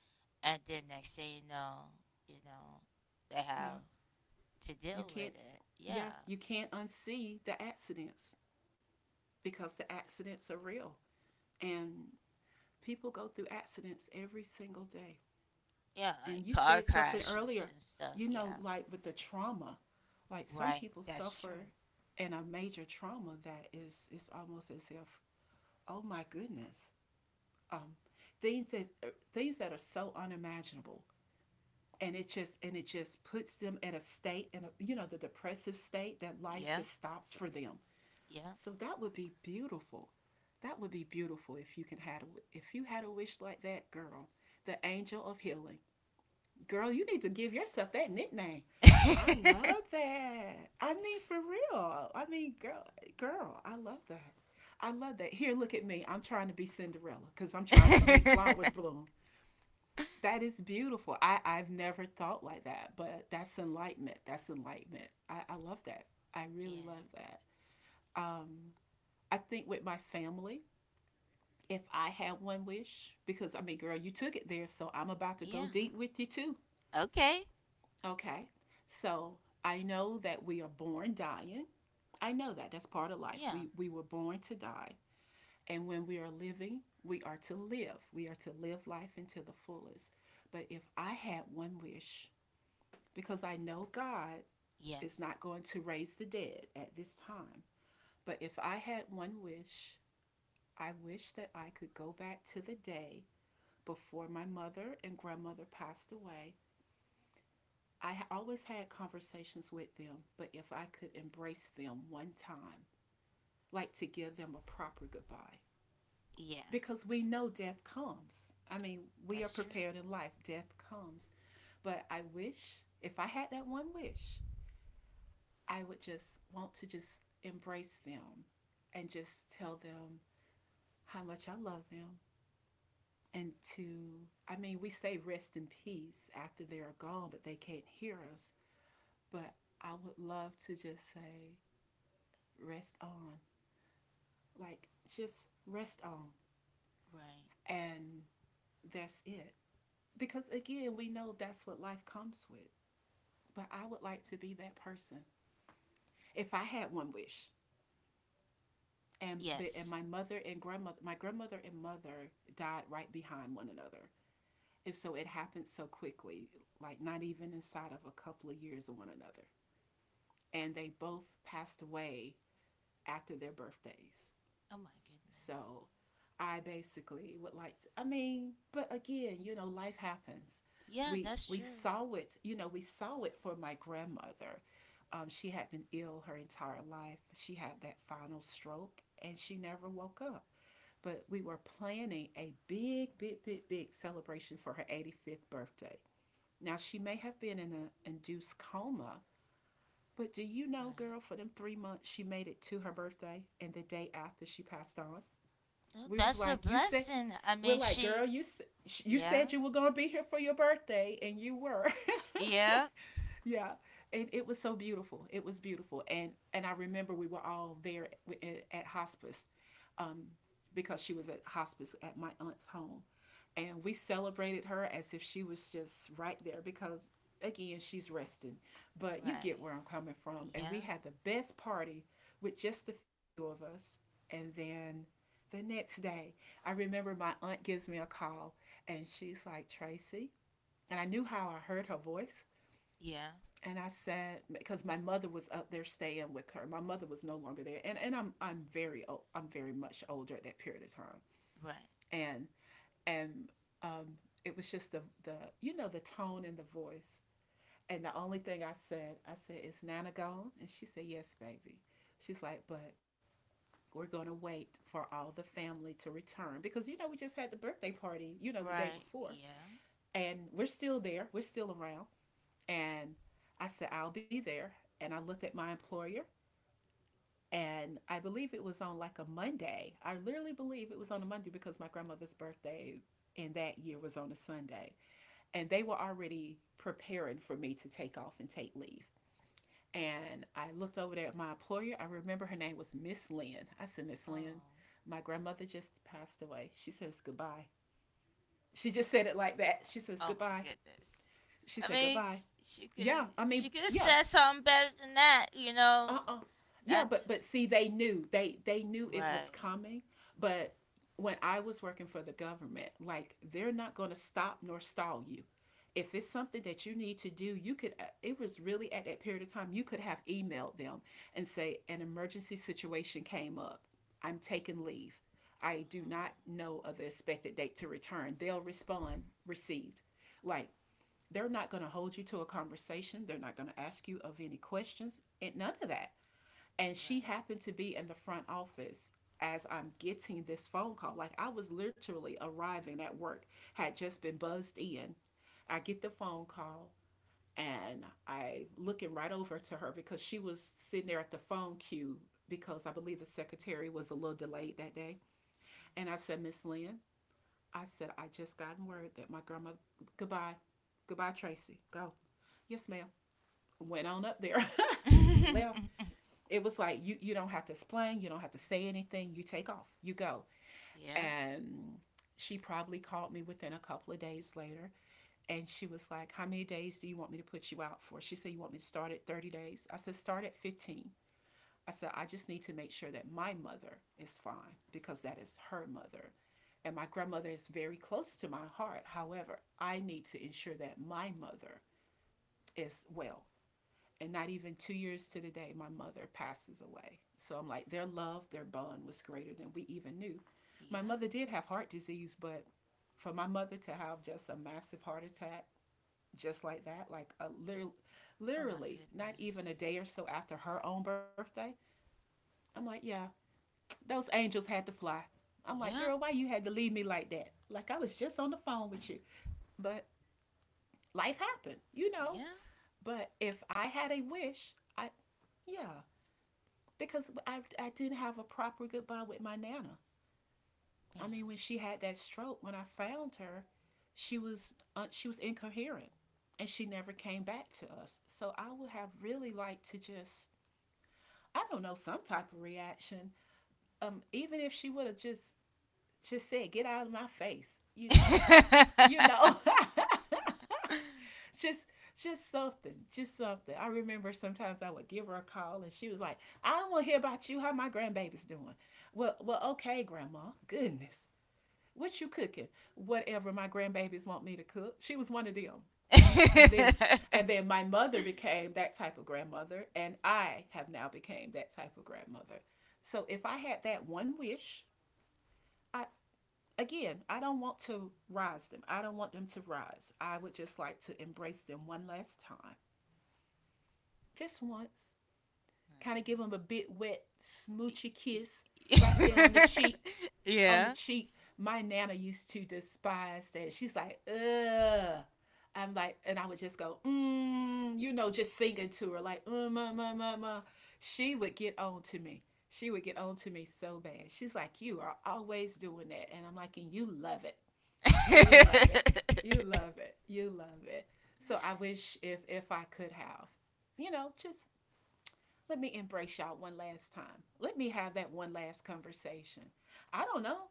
Speaker 2: and then next thing you know, they
Speaker 1: Yeah,
Speaker 2: have to
Speaker 1: you
Speaker 2: deal
Speaker 1: can't.
Speaker 2: with it.
Speaker 1: Yeah,
Speaker 2: Yeah.
Speaker 1: you can't unsee the accidents because the accidents are real and people go through accidents every single day.
Speaker 2: Yeah,
Speaker 1: And you
Speaker 2: like
Speaker 1: said
Speaker 2: car
Speaker 1: something earlier,
Speaker 2: crashes and stuff.
Speaker 1: you know,
Speaker 2: Yeah,
Speaker 1: like with the trauma, like some
Speaker 2: right.
Speaker 1: people
Speaker 2: That's
Speaker 1: suffer
Speaker 2: true.
Speaker 1: in a major trauma that is it's almost as if, oh my goodness, um, things that are so unimaginable and it just puts them in a state and you know the depressive state that life
Speaker 2: Yeah,
Speaker 1: just stops for them.
Speaker 2: yeah.
Speaker 1: So that would be beautiful. That would be beautiful if you can had a, if you had a wish like that, girl. The angel of healing. Girl, you need to give yourself that nickname. I love that. I mean for real. I mean girl, I love that. I love that. Here, look at me. I'm trying to be Cinderella because I'm trying to make flowers bloom. That is beautiful. I've never thought like that, but that's enlightenment. That's enlightenment. I love that. I really
Speaker 2: Yeah,
Speaker 1: love that. I think with my family, if I had one wish, because I mean, girl, you took it there, so I'm about to go
Speaker 2: yeah.
Speaker 1: deep with you too.
Speaker 2: Okay.
Speaker 1: Okay. So I know that we are born dying. I know that. That's part of life. We
Speaker 2: Yeah.
Speaker 1: we were born to die. And when we are living, we are to live. We are to live life into the fullest. But if I had one wish, because I know God is
Speaker 2: Yes.
Speaker 1: not going to raise the dead at this time, but if I had one wish, I wish that I could go back to the day before my mother and grandmother passed away. I always had conversations with them, but if I could embrace them one time, like to give them a proper goodbye.
Speaker 2: Yeah.
Speaker 1: Because we know death comes. I mean, we are
Speaker 2: That's true.
Speaker 1: prepared in life, death comes. But I wish, if I had that one wish, I would just want to just embrace them and just tell them how much I love them. And to, I mean, we say rest in peace after they are gone, but they can't hear us. But I would love to just say, rest on. Like, just rest on.
Speaker 2: Right.
Speaker 1: And that's it. Because again, we know that's what life comes with. But I would like to be that person. If I had one wish, and
Speaker 2: Yes.
Speaker 1: my grandmother and mother died right behind one another, and so it happened so quickly, like not even inside of a couple of years of one another, and they both passed away after their birthdays.
Speaker 2: Oh my goodness.
Speaker 1: So I basically would like to, I mean, but again, you know, life happens.
Speaker 2: Yeah,
Speaker 1: We
Speaker 2: that's
Speaker 1: we
Speaker 2: true.
Speaker 1: saw it, you know, we saw it for my grandmother. She had been ill her entire life. She had that final stroke and she never woke up. But we were planning a big, big, big, big celebration for her 85th birthday. Now, she may have been in an induced coma, but do you know,
Speaker 2: Right.
Speaker 1: girl, for them 3 months, she made it to her birthday and the day after she passed on?
Speaker 2: Oh,
Speaker 1: We was
Speaker 2: that's a
Speaker 1: like, you said,
Speaker 2: blessing. I
Speaker 1: we're
Speaker 2: mean,
Speaker 1: like, girl,
Speaker 2: she.
Speaker 1: you said
Speaker 2: Yeah.
Speaker 1: you were gonna be here for your birthday, and you were.
Speaker 2: Yeah.
Speaker 1: Yeah, it was so beautiful. It was beautiful, and I remember we were all there at hospice, because she was at hospice at my aunt's home. And we celebrated her as if she was just right there because, again, she's resting. But you get
Speaker 2: Right.
Speaker 1: where I'm coming from. And we
Speaker 2: Yeah.
Speaker 1: had the best party with just a few of us. And then the next day, I remember my aunt gives me a call and she's like, Tracy. And I knew how I heard her voice.
Speaker 2: Yeah.
Speaker 1: And I said, because my mother was up there staying with her. My mother was no longer there. And, and I'm very old, I'm very much older at that period of time
Speaker 2: Right.
Speaker 1: and and um, it was just the you know the tone and the voice. And the only thing I said, "Is Nana gone?" And she said, "Yes, baby." She's like, "But we're going to wait for all the family to return because you know we just had the birthday party, you know, the day
Speaker 2: Right.
Speaker 1: before,
Speaker 2: Yeah.
Speaker 1: and we're still there, we're still around." And I said, "I'll be there." And I looked at my employer, and I believe it was on like a Monday. I literally believe it was on a Monday because my grandmother's birthday in that year was on a Sunday and they were already preparing for me to take off and take leave. And I looked over there at my employer. I remember her name was Miss Lynn. I said, Miss Lynn,
Speaker 2: Oh.
Speaker 1: my grandmother just passed away. She says goodbye. She just said it like that. She says
Speaker 2: Oh my
Speaker 1: goodbye.
Speaker 2: goodness.
Speaker 1: She
Speaker 2: I
Speaker 1: said
Speaker 2: mean,
Speaker 1: goodbye.
Speaker 2: sh-
Speaker 1: Yeah, I mean,
Speaker 2: she could have
Speaker 1: yeah,
Speaker 2: said something better than that, you know.
Speaker 1: uh-uh, yeah,
Speaker 2: Not
Speaker 1: but but
Speaker 2: just
Speaker 1: see they knew they they knew it was
Speaker 2: right,
Speaker 1: coming but when I was working for the government, like they're not going to stop nor stall you, if it's something that you need to do you could, it was really at that period of time you could have emailed them and say an emergency situation came up, I'm taking leave, I do
Speaker 2: oh,
Speaker 1: not know of the expected date to return. They'll respond received. Like they're not going to hold you to a conversation, they're not going to ask you of any questions and none of that. And she happened to be in the front office as I'm getting this phone call. Like I was literally arriving at work, had just been buzzed in. I get the phone call and I looking right over to her because she was sitting there at the phone queue because I believe the secretary was a little delayed that day. And I said, Miss Lynn, I said, I just gotten word that my grandma goodbye. Goodbye, Tracy. Go. Yes, ma'am. Went on up there.
Speaker 2: right.
Speaker 1: Left, it was like you don't have to explain, you don't have to say anything, you take off, you go.
Speaker 2: Yeah,
Speaker 1: And she probably called me within a couple of days later and she was like, how many days do you want me to put you out for? She said, you want me to start at 30 days? I said, start at 15. I said, I just need to make sure that my mother is fine because that is her mother, and my grandmother is very close to my heart, however I need to ensure that my mother is well. And not even 2 years to the day, my mother passes away. So I'm like, their love, their bond was greater than we even knew. My
Speaker 2: yeah.
Speaker 1: mother did have heart disease, but for my mother to have just a massive heart attack, just like that, like a,
Speaker 2: Oh my
Speaker 1: literally not even a
Speaker 2: goodness.
Speaker 1: day or so after her own birthday, I'm like, yeah, those angels had to fly. I'm like,
Speaker 2: Yeah,
Speaker 1: girl, why you had to leave me like that? Like I was just on the phone with you. But life happened, you know.
Speaker 2: yeah,
Speaker 1: But if I had a wish, I, yeah, because I didn't have a proper goodbye with my nana. I mean, when she had that stroke, when I found her, she was incoherent, and she never came back to us. So I would have really liked to just, I don't know, some type of reaction. Even if she would have just said, "Get out of my face," you know,
Speaker 2: yeah.
Speaker 1: you know. Just something. I remember sometimes I would give her a call and she was like, I don't want to hear about you, how my grandbaby's doing. Well, well, okay, grandma. Goodness. What you cooking? Whatever my grandbabies want me to cook. She was one of them. And then my mother became that type of grandmother and I have now became that type of grandmother. So if I had that one wish, I, again, I don't want to rise them. I don't want them to rise. I would just like to embrace them one last time, just once. Kind of give
Speaker 2: No.
Speaker 1: him a big wet
Speaker 2: Y-
Speaker 1: smoochy kiss
Speaker 2: y-
Speaker 1: right there on the cheek. On the
Speaker 2: Yeah.
Speaker 1: cheek. My nana used to despise that. She's like, ugh. I'm like, and I would just go, mm, you know, just singing to her, like, mm, ma, ma, ma, ma. She would get on to me. She would get on to me so bad. She's like, you are always doing that. And I'm like, and you love it. You love it. You love it. You love it. So I wish if I could have, you know, just let me embrace y'all one last time. Let me have that one last conversation. I don't know.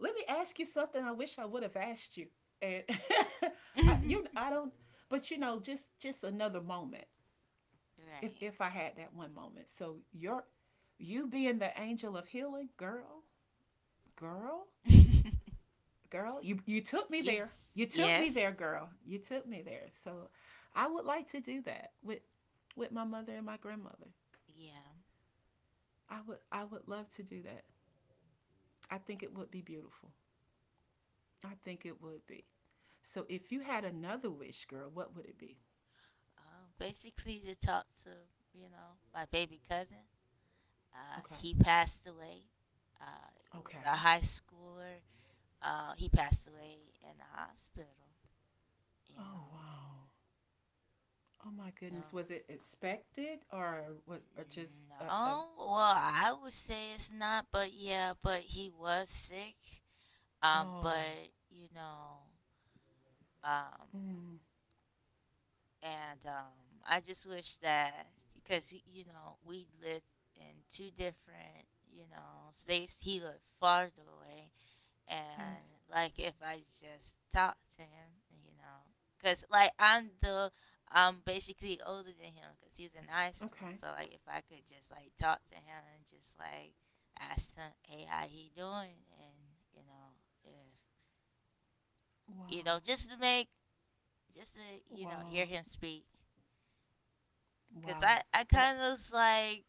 Speaker 1: Let me ask you something I wish I would have asked you. And I, you, I don't. But you know, just another moment. If
Speaker 2: Right.
Speaker 1: I had that one moment. So you're, you being the angel of healing, girl, girl, girl. You took me there.
Speaker 2: Yes.
Speaker 1: You took me
Speaker 2: Yes.
Speaker 1: there, girl. You took me there. So I would like to do that with my mother and my grandmother.
Speaker 2: Yeah.
Speaker 1: I would, I would love to do that. I think it would be beautiful. I think it would be. So if you had another wish, girl, what would it be?
Speaker 2: Basically, to talk to, you know, my baby cousin.
Speaker 1: Okay.
Speaker 2: He passed away. It was a
Speaker 1: Okay.
Speaker 2: high schooler. He passed away in the hospital. You
Speaker 1: Oh,
Speaker 2: know,
Speaker 1: wow. Oh my
Speaker 2: you
Speaker 1: goodness. Was it expected or was, or just
Speaker 2: know,
Speaker 1: a,
Speaker 2: no. Well, I would say it's not, but yeah, but he was sick.
Speaker 1: oh,
Speaker 2: But you know, um,
Speaker 1: mm,
Speaker 2: and I just wish that because y- you know we lived in two different you know states. He lived farther away,
Speaker 1: yes.
Speaker 2: and like if I just talked to him, you know, because like I'm basically older than him because he's in high school.
Speaker 1: Okay.
Speaker 2: So like if I could just like talk to him and just like ask him, hey, how he doing, and you know if you know
Speaker 1: Wow.
Speaker 2: just to make just to you know hear
Speaker 1: Wow.
Speaker 2: him speak. Cause
Speaker 1: Wow.
Speaker 2: I
Speaker 1: That
Speaker 2: kind of was like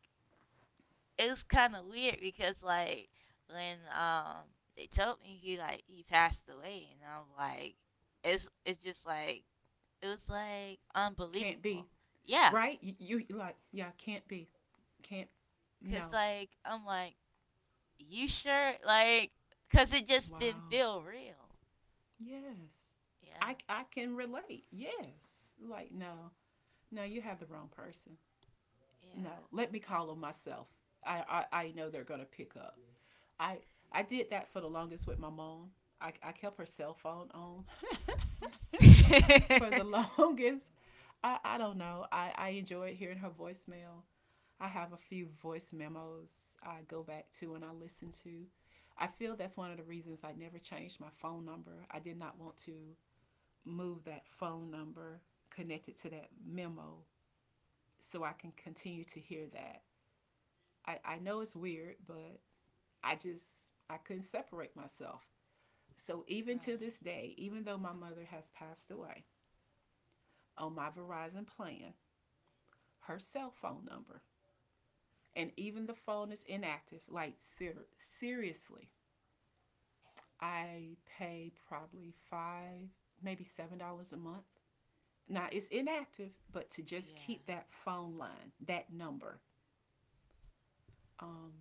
Speaker 2: it was kind of weird because like when they told me he like he passed away and I'm like it's just like it was like
Speaker 1: can't
Speaker 2: unbelievable.
Speaker 1: be.
Speaker 2: Yeah,
Speaker 1: Right? You like, yeah, can't be. Can't,
Speaker 2: cause
Speaker 1: no.
Speaker 2: like I'm like you sure like cause it just didn't
Speaker 1: Wow.
Speaker 2: feel real.
Speaker 1: Yes.
Speaker 2: Yeah,
Speaker 1: I can relate. Yes. Like no. No, you have the wrong person. No,
Speaker 2: yeah.
Speaker 1: let me call them myself. I know they're going to pick up. I, I did that for the longest with my mom. I kept her cell phone on for the longest. I don't know. I enjoyed hearing her voicemail. I have a few voice memos I go back to and I listen to. I feel that's one of the reasons I never changed my phone number. I did not want to move that phone number connected to that memo so I can continue to hear that. I know it's weird, but I couldn't separate myself. So even to this day, even though my mother has passed away, on my Verizon plan, her cell phone number, and even the phone is inactive. Like seriously, I pay probably $5, maybe $7 a month. Now it's inactive, but to just keep that phone line, that number. Um,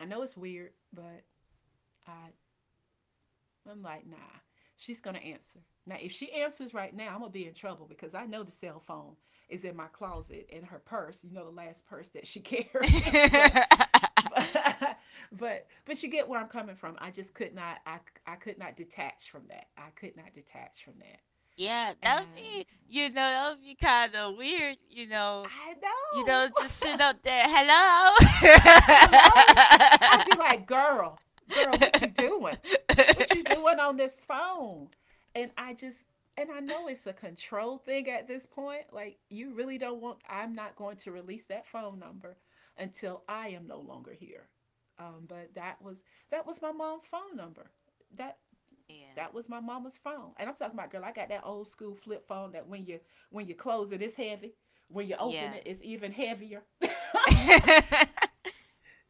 Speaker 1: I know it's weird, but I I'm like, nah, she's going to answer. Now, if she answers right now, I'm going to be in trouble because I know the cell phone is in my closet in her purse, the last purse that she
Speaker 2: Right.
Speaker 1: carried.
Speaker 2: Yeah.
Speaker 1: But, but you get where I'm coming from. I just could not, I could not detach from that. I could not detach from that.
Speaker 2: Yeah, that would
Speaker 1: And
Speaker 2: be, you know, that would be kind of weird, you know.
Speaker 1: I
Speaker 2: You know, just sit
Speaker 1: know.
Speaker 2: up there, hello.
Speaker 1: Hello? I'd be like, girl, girl, what you doing? What you doing on this phone? And I just, and I know it's a control thing at this point. Like, you really don't want, I'm not going to release that phone number until I am no longer here. But that was my mom's phone number. That,
Speaker 2: Yeah,
Speaker 1: that was my mama's phone. And I'm talking about, girl, I got that old school flip phone that when you close it, it's heavy. When you open
Speaker 2: yeah.
Speaker 1: it, it's even heavier.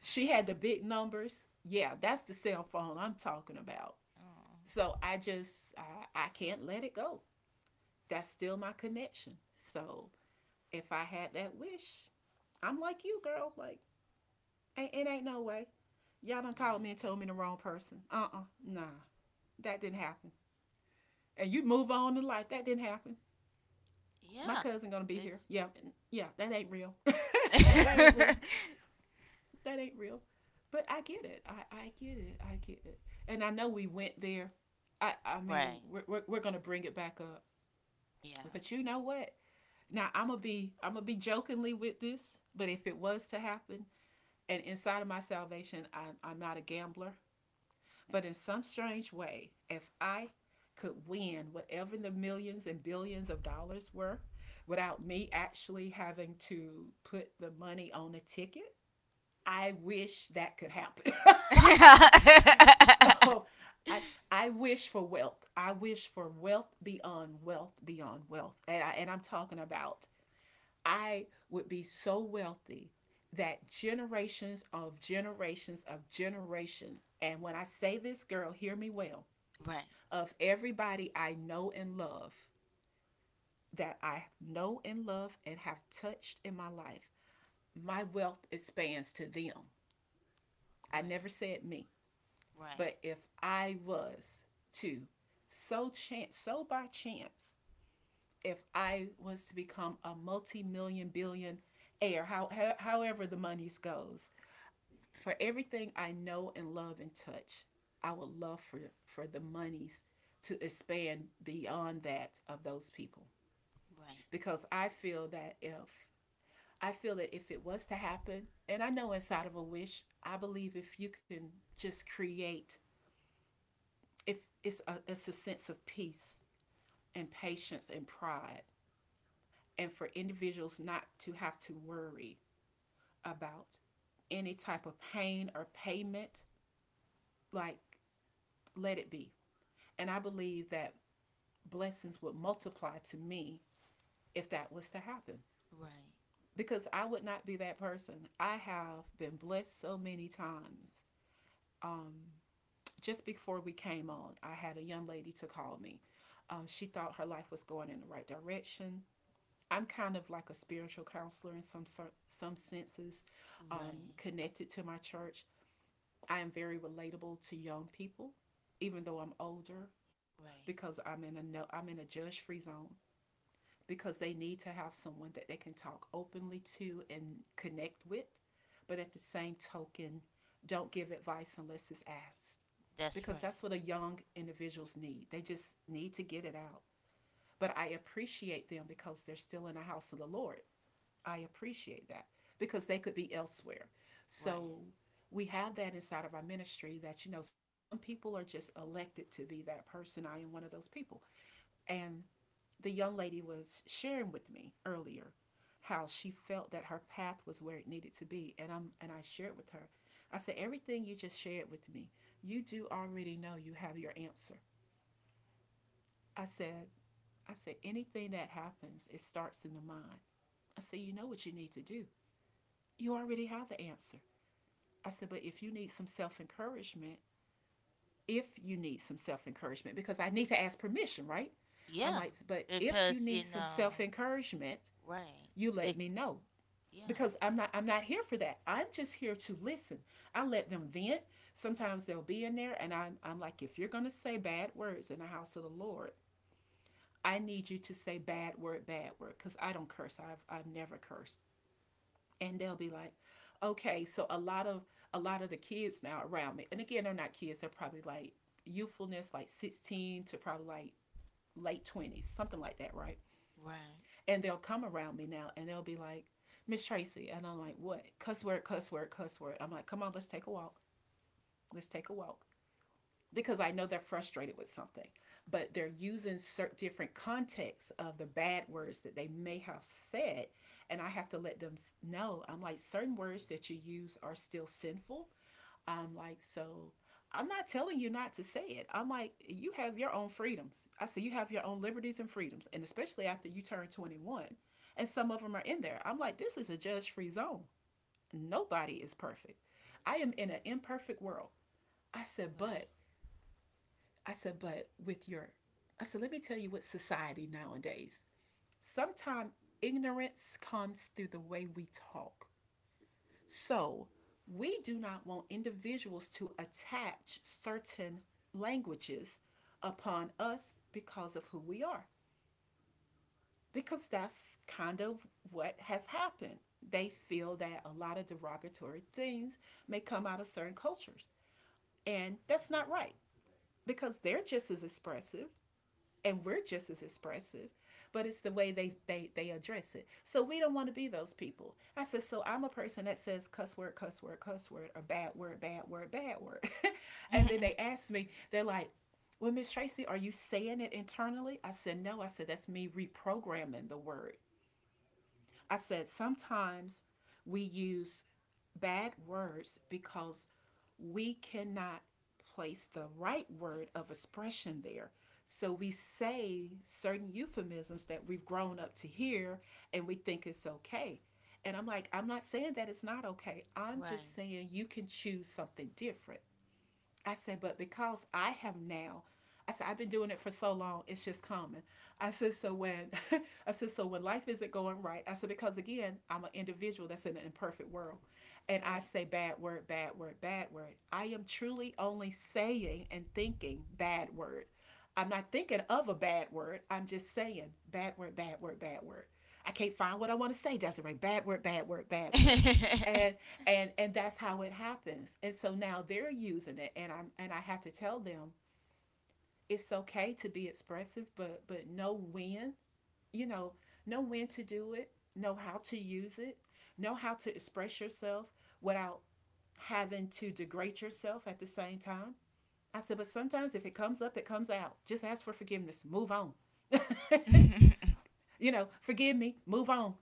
Speaker 1: She had the big numbers. Yeah, that's the cell phone I'm talking about.
Speaker 2: Oh,
Speaker 1: So I can't let it go. That's still my connection. So if I had that wish, I'm like you, girl. Like ain't, it ain't no way. Y'all done called
Speaker 2: yeah,
Speaker 1: me and told me the wrong person. Uh-uh, nah, that didn't happen. And you move on in life. That didn't happen. My
Speaker 2: yeah.
Speaker 1: cousin gonna be here.
Speaker 2: It's
Speaker 1: Yeah, yeah, that ain't real. That ain't real. That ain't real. But I get it. I get it. I get it. And I know we went there. I mean,
Speaker 2: right,
Speaker 1: we're going to bring it back up.
Speaker 2: yeah.
Speaker 1: But you know what? Now I'm gonna be jokingly with this, but if it was to happen, and inside of my salvation, I'm not a gambler, but in some strange way, if I could win whatever the millions and billions of dollars were, without me actually having to put the money on a ticket, I wish that could happen.
Speaker 2: Right,
Speaker 1: So I I wish for wealth. I wish for wealth beyond wealth beyond wealth. And I'm talking about I would be so wealthy that generations of generation, and when I say this, girl, hear me well,
Speaker 2: right,
Speaker 1: of everybody I know and love, that I know and love and have touched in my life, my wealth expands to them. I
Speaker 2: right,
Speaker 1: never said me.
Speaker 2: right,
Speaker 1: But if I was to so chance so by chance, if I was to become a multi-million billion heir, however the monies goes, for everything I know and love and touch, I would love for the monies to expand beyond that of those people because I feel that if it was to happen. And I know inside of a wish, I believe if you can just create, if it's a sense of peace and patience and pride, and for individuals not to have to worry about any type of pain or payment. Like, let it be. And I believe that blessings would multiply to me if that was to happen,
Speaker 2: right,
Speaker 1: because I would not be that person. I have been blessed so many times. Just before we came on, I had a young lady to call me. She thought her life was going in the right direction. I'm kind of like a spiritual counselor in some sort, some senses,
Speaker 2: right,
Speaker 1: connected to my church. I am very relatable to young people, even though I'm
Speaker 2: right.
Speaker 1: older,
Speaker 2: Right.
Speaker 1: because I'm in a no, I'm in a judge-free zone, because they need to have someone that they can talk openly to and connect with. But at the same token, don't give advice unless it's asked,
Speaker 2: That's
Speaker 1: because
Speaker 2: right.
Speaker 1: that's what a young individuals need. They just need to get it out. But I appreciate them because they're still in the house of the Lord. I appreciate that because they could be elsewhere. So
Speaker 2: Right.
Speaker 1: we have that inside of our ministry that some people are just elected to be that person. I am one of those people. And the young lady was sharing with me earlier how she felt that her path was where it needed to be. And I shared with her. I said, everything you just shared with me, you do already know. You have your answer. I said, I said, anything that happens, it starts in the mind. I said, you know what you need to do. You already have the answer. I said, but if you need some self encouragement, if you need some self encouragement, because I need to ask permission, right? I'm
Speaker 2: Yeah.
Speaker 1: like, but if you
Speaker 2: Because
Speaker 1: need
Speaker 2: you
Speaker 1: some
Speaker 2: know.
Speaker 1: self encouragement,
Speaker 2: Right.
Speaker 1: you
Speaker 2: It.
Speaker 1: let me know,
Speaker 2: Yeah.
Speaker 1: because I'm not here for that. I'm just here to listen. I let them vent. Sometimes they'll be in there and I'm like, if you're gonna say bad words in the house of the Lord, I need you to say bad word, because I don't curse. I've never cursed. And they'll be like, okay. So a lot of the kids now around me, and again, they're not kids, they're probably like youthfulness, like 16 to probably like late 20s, something like that, right?
Speaker 2: Right.
Speaker 1: And they'll come around me now and they'll be like, Miss Tracy, and I'm like, what? Cuss word, cuss word, cuss word. I'm like, come on, let's take a walk. Let's take a walk. Because I know they're frustrated with something, but they're using certain different contexts of the bad words that they may have said. And I have to let them know. I'm like, certain words that you use are still sinful. I'm like, so I'm not telling you not to say it. I'm like, you have your own freedoms. I say, you have your own liberties and freedoms. And especially after you turn 21, and some of them are in there. I'm like, this is a judge free zone. Nobody is perfect. I am in an imperfect world. I said, but I said, but with your, I said, let me tell you what society nowadays. Sometimes ignorance comes through the way we talk. So we do not want individuals to attach certain languages upon us because of who we are, because that's kind of what has happened. They feel that a lot of derogatory things may come out of certain cultures, and that's not right, because they're just as expressive and we're just as expressive. But it's the way they address it, so we don't want to be those people. I said, so I'm a person that says cuss word, cuss word, cuss word, or bad word, bad word, bad word. And then they
Speaker 2: Right.
Speaker 1: ask me, they're like, well, Miss Tracy, are you saying it internally? I said no. I said, that's me reprogramming the word. I said, sometimes we use bad words because we cannot place the right word of expression there. So we say certain euphemisms that we've grown up to hear and we think it's okay. And I'm like, I'm not saying that it's not okay. I'm
Speaker 2: Right.
Speaker 1: just saying you can choose something different. I said, but because I have now, I said, I've been doing it for so long, it's just common. I said, so when, I said, so when life isn't going right, I said, because again, I'm an individual that's in an imperfect world. And I
Speaker 2: Right.
Speaker 1: say bad word, bad word, bad word. I am truly only saying and thinking bad word. I'm not thinking of a bad word. I'm just saying bad word, bad word, bad word. I can't find what I want to say, Desiree. Bad word, bad word, bad word. and and and that's how it happens. And so now they're using it, and I have to tell them, it's okay to be expressive, but know when, you know know when to do it, know how to use it, know how to express yourself without having to degrade yourself at the same time. I said, but sometimes if it comes up, it comes out, just ask for forgiveness, move on. Forgive me, move on.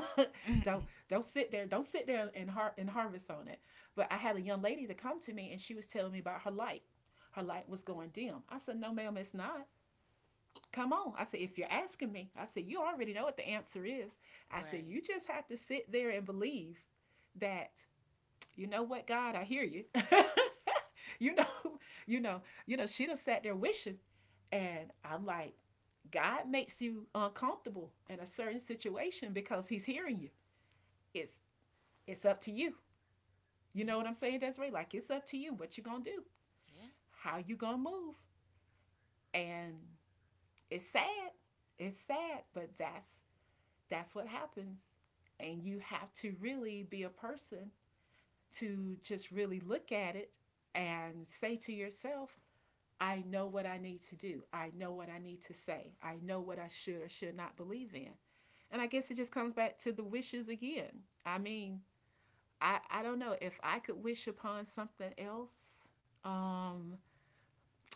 Speaker 1: Don't sit there, don't sit there, and and harvest on it. But I had a young lady to come to me and she was telling me about her light. Her light was going dim. I said, no, ma'am, it's not. Come on. I said, if you're asking me, I said, you already know what the answer is. I said,
Speaker 2: Right.
Speaker 1: you just have to sit there and believe that, you know what, God, I hear you. you know, you know, she done sat there wishing. And I'm like, God makes you uncomfortable in a certain situation because he's hearing you. It's it's up to you. You
Speaker 2: Yeah.
Speaker 1: know what I'm saying, Desiree? Like, it's up to you what you gonna do,
Speaker 2: Yeah.
Speaker 1: how you gonna move. And it's sad. It's sad, but that's what happens. And you have to really be a person to just really look at it and say to yourself, I know what I need to do. I know what I need to say. I know what I should or should not believe in. And I guess it just comes back to the wishes again. I mean, I don't know if I could wish upon something else. Um,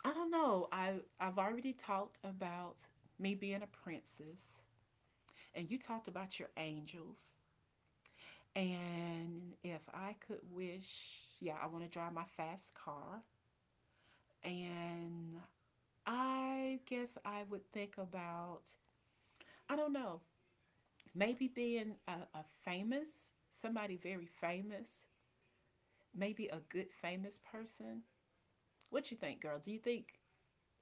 Speaker 1: I don't know. I've already talked about me being a princess, and you talked about your angels. And if I could wish, yeah, I want to drive my fast car. And I guess I would think about, I don't know, maybe being a famous, somebody very famous, maybe a good famous person. What you think, girl? Do you think?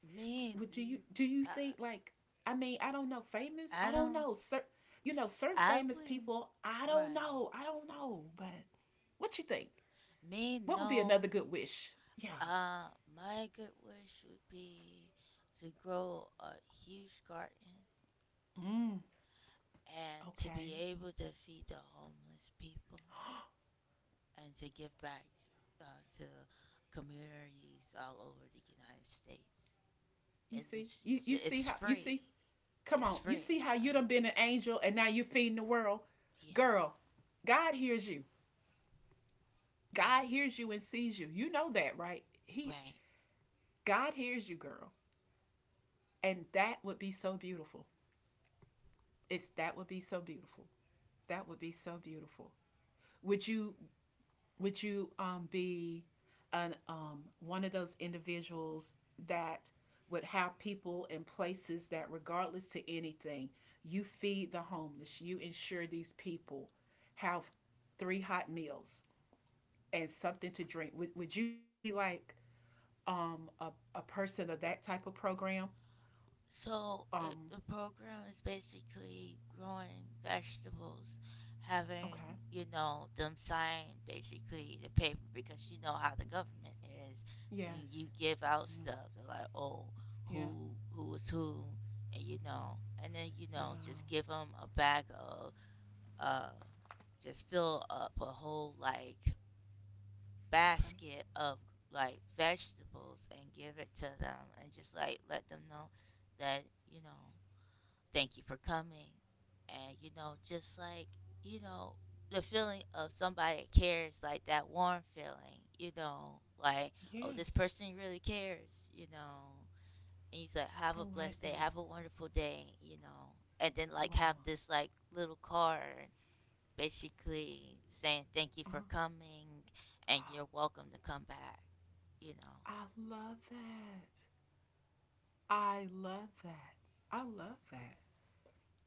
Speaker 2: Me.
Speaker 1: Would
Speaker 2: N-
Speaker 1: do you
Speaker 2: I.
Speaker 1: think, like? I mean, I don't know. Famous? I
Speaker 2: I
Speaker 1: don't
Speaker 2: don't.
Speaker 1: know. You know, certain
Speaker 2: I
Speaker 1: famous
Speaker 2: wouldn't.
Speaker 1: people. I don't
Speaker 2: Right.
Speaker 1: know. I don't know. But what you think?
Speaker 2: Me
Speaker 1: What would be
Speaker 2: no.
Speaker 1: another good wish? Yeah.
Speaker 2: Uh, my good wish would be to grow a huge garden and to be
Speaker 1: Okay.
Speaker 2: able to feed the homeless people and to give back to communities all over the United States.
Speaker 1: You
Speaker 2: It
Speaker 1: see?
Speaker 2: just
Speaker 1: You see
Speaker 2: it's
Speaker 1: how you see?
Speaker 2: free.
Speaker 1: Come
Speaker 2: It's
Speaker 1: on. You see
Speaker 2: free.
Speaker 1: how you done been an angel and now you feeding the world?
Speaker 2: Yeah,
Speaker 1: Girl, God hears you.
Speaker 2: yeah,
Speaker 1: God hears you and sees you. You know that, right? He
Speaker 2: right.
Speaker 1: God hears you, girl. And that would be so beautiful. It's that would be so beautiful. That would be so beautiful. Would you would you be an one of those individuals that would have people in places that regardless to anything, you feed the homeless, you ensure these people have three hot meals and something to drink. Would you be like um a, a person of that type of program.
Speaker 2: So it,
Speaker 1: Um
Speaker 2: the program is basically growing vegetables,
Speaker 1: okay.
Speaker 2: having you know them sign basically the paper because you know how the government is. You,
Speaker 1: Yes.
Speaker 2: you give out stuff. They're like, oh,
Speaker 1: Yeah.
Speaker 2: who is who, and you know, and then you
Speaker 1: Yeah.
Speaker 2: know, just give them a bag of uh, just fill up a whole like
Speaker 1: Okay.
Speaker 2: basket of like vegetables and give it to them and just like let them know that you know thank you for coming. And, you know, just like, you know, the feeling of somebody that cares, like that warm feeling, you know, like, oh, this
Speaker 1: Yes.
Speaker 2: person really cares, you know. And you say, have
Speaker 1: I
Speaker 2: a
Speaker 1: like
Speaker 2: blessed day,
Speaker 1: that.
Speaker 2: have a wonderful day, you know. And then, like, have
Speaker 1: Wow.
Speaker 2: this, like, little card basically saying thank you for coming and you're welcome to come back, you know.
Speaker 1: I love that. I love that. I love that.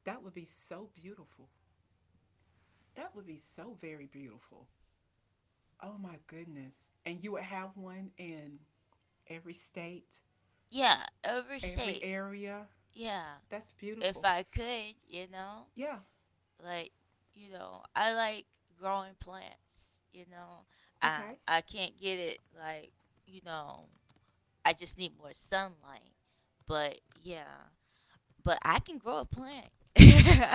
Speaker 1: That would be so beautiful. That would be so very beautiful. Oh my goodness. And you would have one in every state,
Speaker 2: Yeah,
Speaker 1: every
Speaker 2: overstate.
Speaker 1: area.
Speaker 2: Yeah,
Speaker 1: That's
Speaker 2: if
Speaker 1: beautiful.
Speaker 2: I could, you know.
Speaker 1: Yeah.
Speaker 2: Like you know I like growing plants, you know,
Speaker 1: Okay.
Speaker 2: I can't get it like you know I just need more sunlight, but yeah, but I can grow a plant.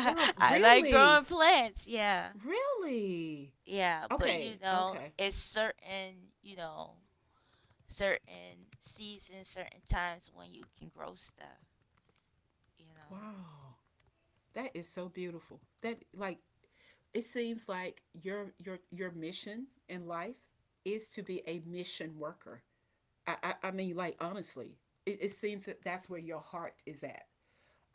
Speaker 1: Girl,
Speaker 2: I like
Speaker 1: really?
Speaker 2: growing plants, yeah,
Speaker 1: Really?
Speaker 2: yeah, but you
Speaker 1: Okay,
Speaker 2: know
Speaker 1: okay.
Speaker 2: it's certain, you know, certain seasons, certain times when you can grow stuff, you know.
Speaker 1: Wow. That is so beautiful. That, like, it seems like your mission in life is to be a mission worker. I mean, like, honestly, it seems that that's where your heart is at.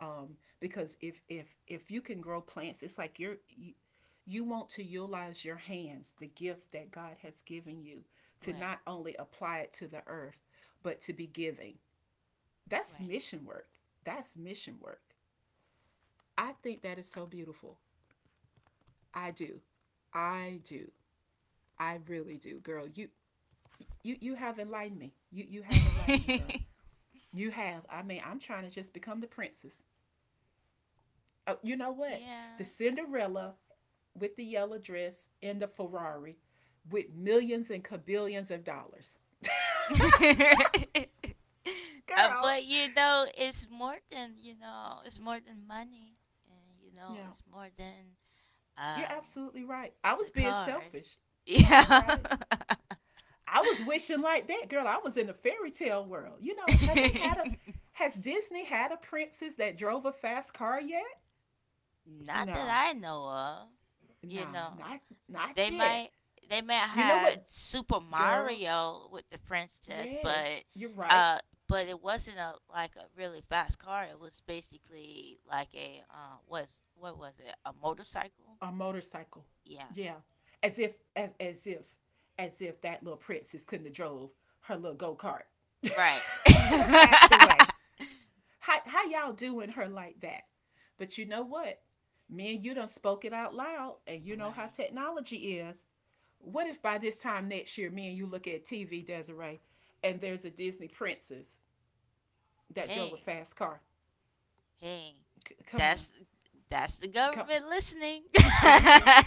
Speaker 1: Um, because if you can grow plants, it's like you want to utilize your hands, the gift that God has given you, to
Speaker 2: Right,
Speaker 1: not only apply it to the earth, but to be giving. That's mission work. That's mission work. I think that is so beautiful. I do. I do. I really do, girl. You have enlightened me. You have enlightened me, girl.
Speaker 2: right.
Speaker 1: You have. I mean, I'm trying to just become the princess. Oh, you know what? The
Speaker 2: Yeah.
Speaker 1: Cinderella with the yellow dress and the Ferrari with millions and cabillions of dollars.
Speaker 2: Uh,
Speaker 1: Girl.
Speaker 2: but you know, it's more than you know, it's more than money, and you know,
Speaker 1: Yeah.
Speaker 2: it's more than
Speaker 1: You're
Speaker 2: um
Speaker 1: absolutely right. I was
Speaker 2: the
Speaker 1: being
Speaker 2: cars.
Speaker 1: selfish. You're
Speaker 2: Yeah,
Speaker 1: right. I was wishing like that, girl. I was in a fairy tale world. You know, have they had a, has Disney had a princess that drove a fast car yet?
Speaker 2: not that
Speaker 1: Nah,
Speaker 2: I know of. You
Speaker 1: nah,
Speaker 2: know.
Speaker 1: not
Speaker 2: They
Speaker 1: yet.
Speaker 2: might they might
Speaker 1: You know
Speaker 2: have
Speaker 1: what,
Speaker 2: Super
Speaker 1: girl?
Speaker 2: Mario with the princess,
Speaker 1: Yes, you're right.
Speaker 2: uh, but it wasn't a like a really fast car. It was basically like a was what was it? A motorcycle?
Speaker 1: A motorcycle.
Speaker 2: Yeah.
Speaker 1: Yeah. As if as as if as if that little princess couldn't have drove her little go-kart in
Speaker 2: Right.
Speaker 1: a faster way.
Speaker 2: Right.
Speaker 1: How y'all doing her like that? But you know what? Me and you done spoke it out loud, and you know how technology is. What if by this time next year, me and you look at TV, Desiree, and there's a Disney princess that drove a
Speaker 2: Hey,
Speaker 1: fast car?
Speaker 2: hey.
Speaker 1: Come on,
Speaker 2: That's that's the
Speaker 1: come.
Speaker 2: government listening.
Speaker 1: It is.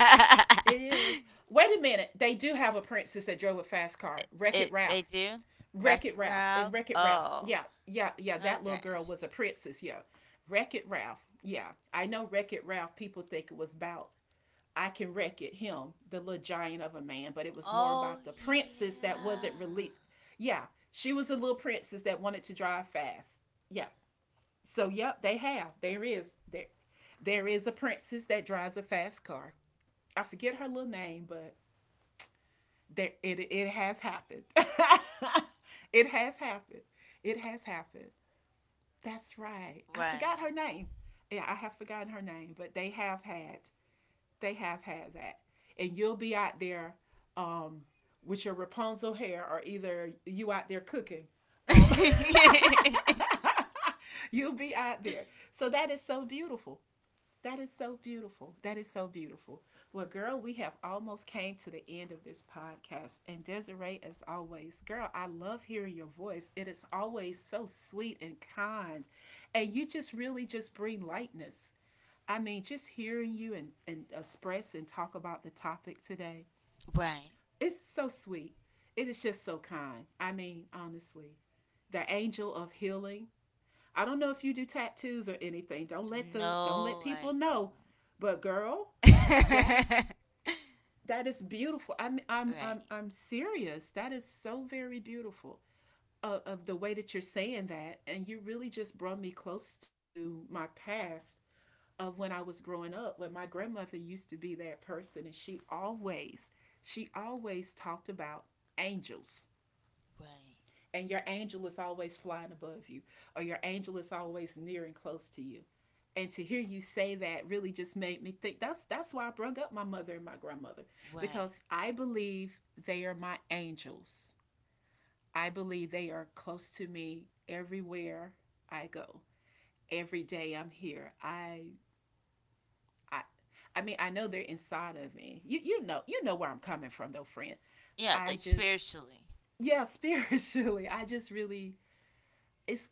Speaker 1: It is. Wait a minute. They do have a princess that drove a fast car. Wreck It
Speaker 2: It they
Speaker 1: Ralph.
Speaker 2: do.
Speaker 1: Wreck
Speaker 2: Racket
Speaker 1: It Ralph and
Speaker 2: Ralph.
Speaker 1: Wreck It Ralph.
Speaker 2: Oh,
Speaker 1: Yeah, yeah, yeah. That little
Speaker 2: okay.
Speaker 1: girl was a princess. Yeah, Wreck It Ralph. Yeah, I know Wreck It Ralph. People think it was about, I can wreck it him, the little giant of a man, but it was more
Speaker 2: Oh
Speaker 1: about the princess that
Speaker 2: yeah.
Speaker 1: wasn't released. Yeah, she was a little princess that wanted to drive fast. Yeah. So yep, they have. There there is a princess that drives a fast car. I forget her little name, but there it it has happened. it has happened. It has happened. That's right. I
Speaker 2: Right.
Speaker 1: forgot her name. Yeah, I have forgotten her name, but they have had that. And you'll be out there um with your Rapunzel hair, or either you out there cooking. Um you'll be out there. So that is so beautiful. That is so beautiful. That is so beautiful. Well, girl, we have almost came to the end of this podcast. And Desiree, as always, girl, I love hearing your voice. It is always so sweet and kind. And you just really just bring lightness. I mean, just hearing you and express and talk about the topic today,
Speaker 2: Right.
Speaker 1: it's so sweet. It is just so kind. I mean, honestly, the angel of healing, I don't know if you do tattoos or anything. Don't let
Speaker 2: No, I
Speaker 1: people know.
Speaker 2: don't.
Speaker 1: But girl, that that is beautiful. I'm I'm I'm
Speaker 2: Right.
Speaker 1: I'm serious. That is so very beautiful of the way that you're saying that, and you really just brought me close to my past of when I was growing up. When my grandmother used to be that person, and she always talked about angels,
Speaker 2: Right.
Speaker 1: and your angel is always flying above you, or your angel is always near and close to you, and to hear you say that really just made me think, that's why I brought up my mother and my grandmother
Speaker 2: Right.
Speaker 1: because I believe they are my angels. I believe they are close to me everywhere I go. Every day I'm here. I I mean, I know they're inside of me. You, you know where I'm coming from though, friend.
Speaker 2: Yeah,
Speaker 1: I
Speaker 2: like
Speaker 1: just,
Speaker 2: spiritually.
Speaker 1: yeah, spiritually, I just really, it's,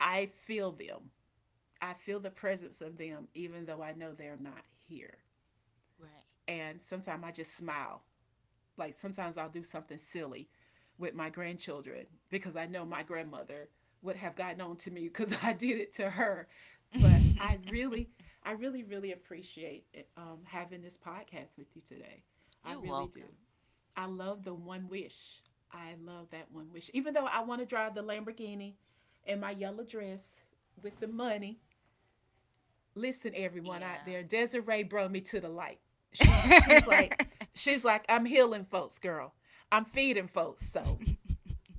Speaker 1: I feel them. I feel the presence of them, even though I know they're not here. And sometimes I just smile. Like sometimes I'll do something silly with my grandchildren because I know my grandmother would have gotten on to me because I did it to her.
Speaker 2: Right.
Speaker 1: But I really, really appreciate having this podcast with you today. I
Speaker 2: You're
Speaker 1: really do.
Speaker 2: welcome.
Speaker 1: I love the one wish. I love that one wish. Even though I want to drive the Lamborghini in my yellow dress with the money, listen, everyone out
Speaker 2: Yeah.
Speaker 1: there, Desiree brought me to the light. she she's like she's like, I'm healing folks, girl, I'm feeding folks. So,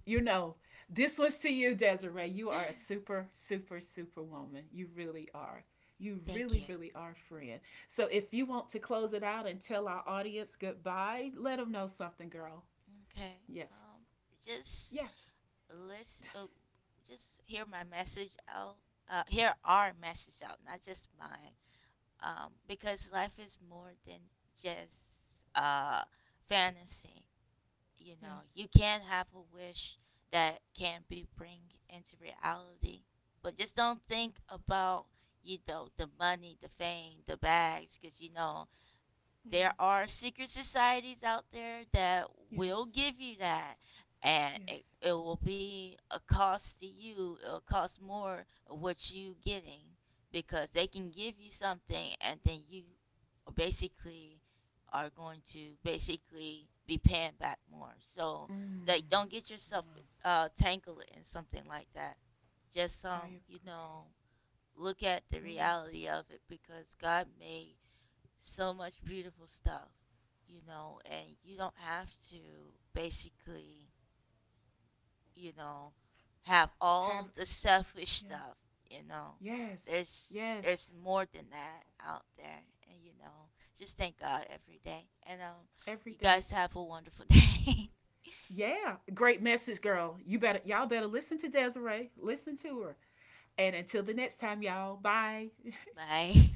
Speaker 1: you know, this was to you, Desiree. You are a super woman. You really are. You
Speaker 2: Thank
Speaker 1: really
Speaker 2: you.
Speaker 1: really are, friend. So if you want to close it out and tell our audience goodbye, let them know something, girl.
Speaker 2: Okay.
Speaker 1: Yes.
Speaker 2: Um, just
Speaker 1: Yes.
Speaker 2: listen, just hear my message out. Hear our message out, not just mine. Because life is more than just fantasy. You know,
Speaker 1: Yes.
Speaker 2: you can have a wish that can be bring into reality, but just don't think about you know the money, the fame, the bags, because you know there
Speaker 1: Yes.
Speaker 2: are secret societies out there that will
Speaker 1: Yes.
Speaker 2: give you that, and it,
Speaker 1: Yes.
Speaker 2: it will be a cost to you. It'll cost more of what you getting because they can give you something, and then you basically are going to basically be paying back more. So, like, don't get yourself tangled in something like that. Just
Speaker 1: I
Speaker 2: you
Speaker 1: agree.
Speaker 2: know, look at the
Speaker 1: Oh.
Speaker 2: reality of it because God made so much beautiful stuff, you know, and you don't have to basically, you know, have all
Speaker 1: Have.
Speaker 2: the selfish
Speaker 1: Yeah.
Speaker 2: stuff, you know.
Speaker 1: Yes.
Speaker 2: There's
Speaker 1: Yes.
Speaker 2: more than that out there, and you know, just thank God every day. And you
Speaker 1: Every day.
Speaker 2: guys have a wonderful day.
Speaker 1: Yeah. Great message, girl. You better, y'all better listen to Desiree. Listen to her. And until the next time, y'all. Bye.
Speaker 2: Bye.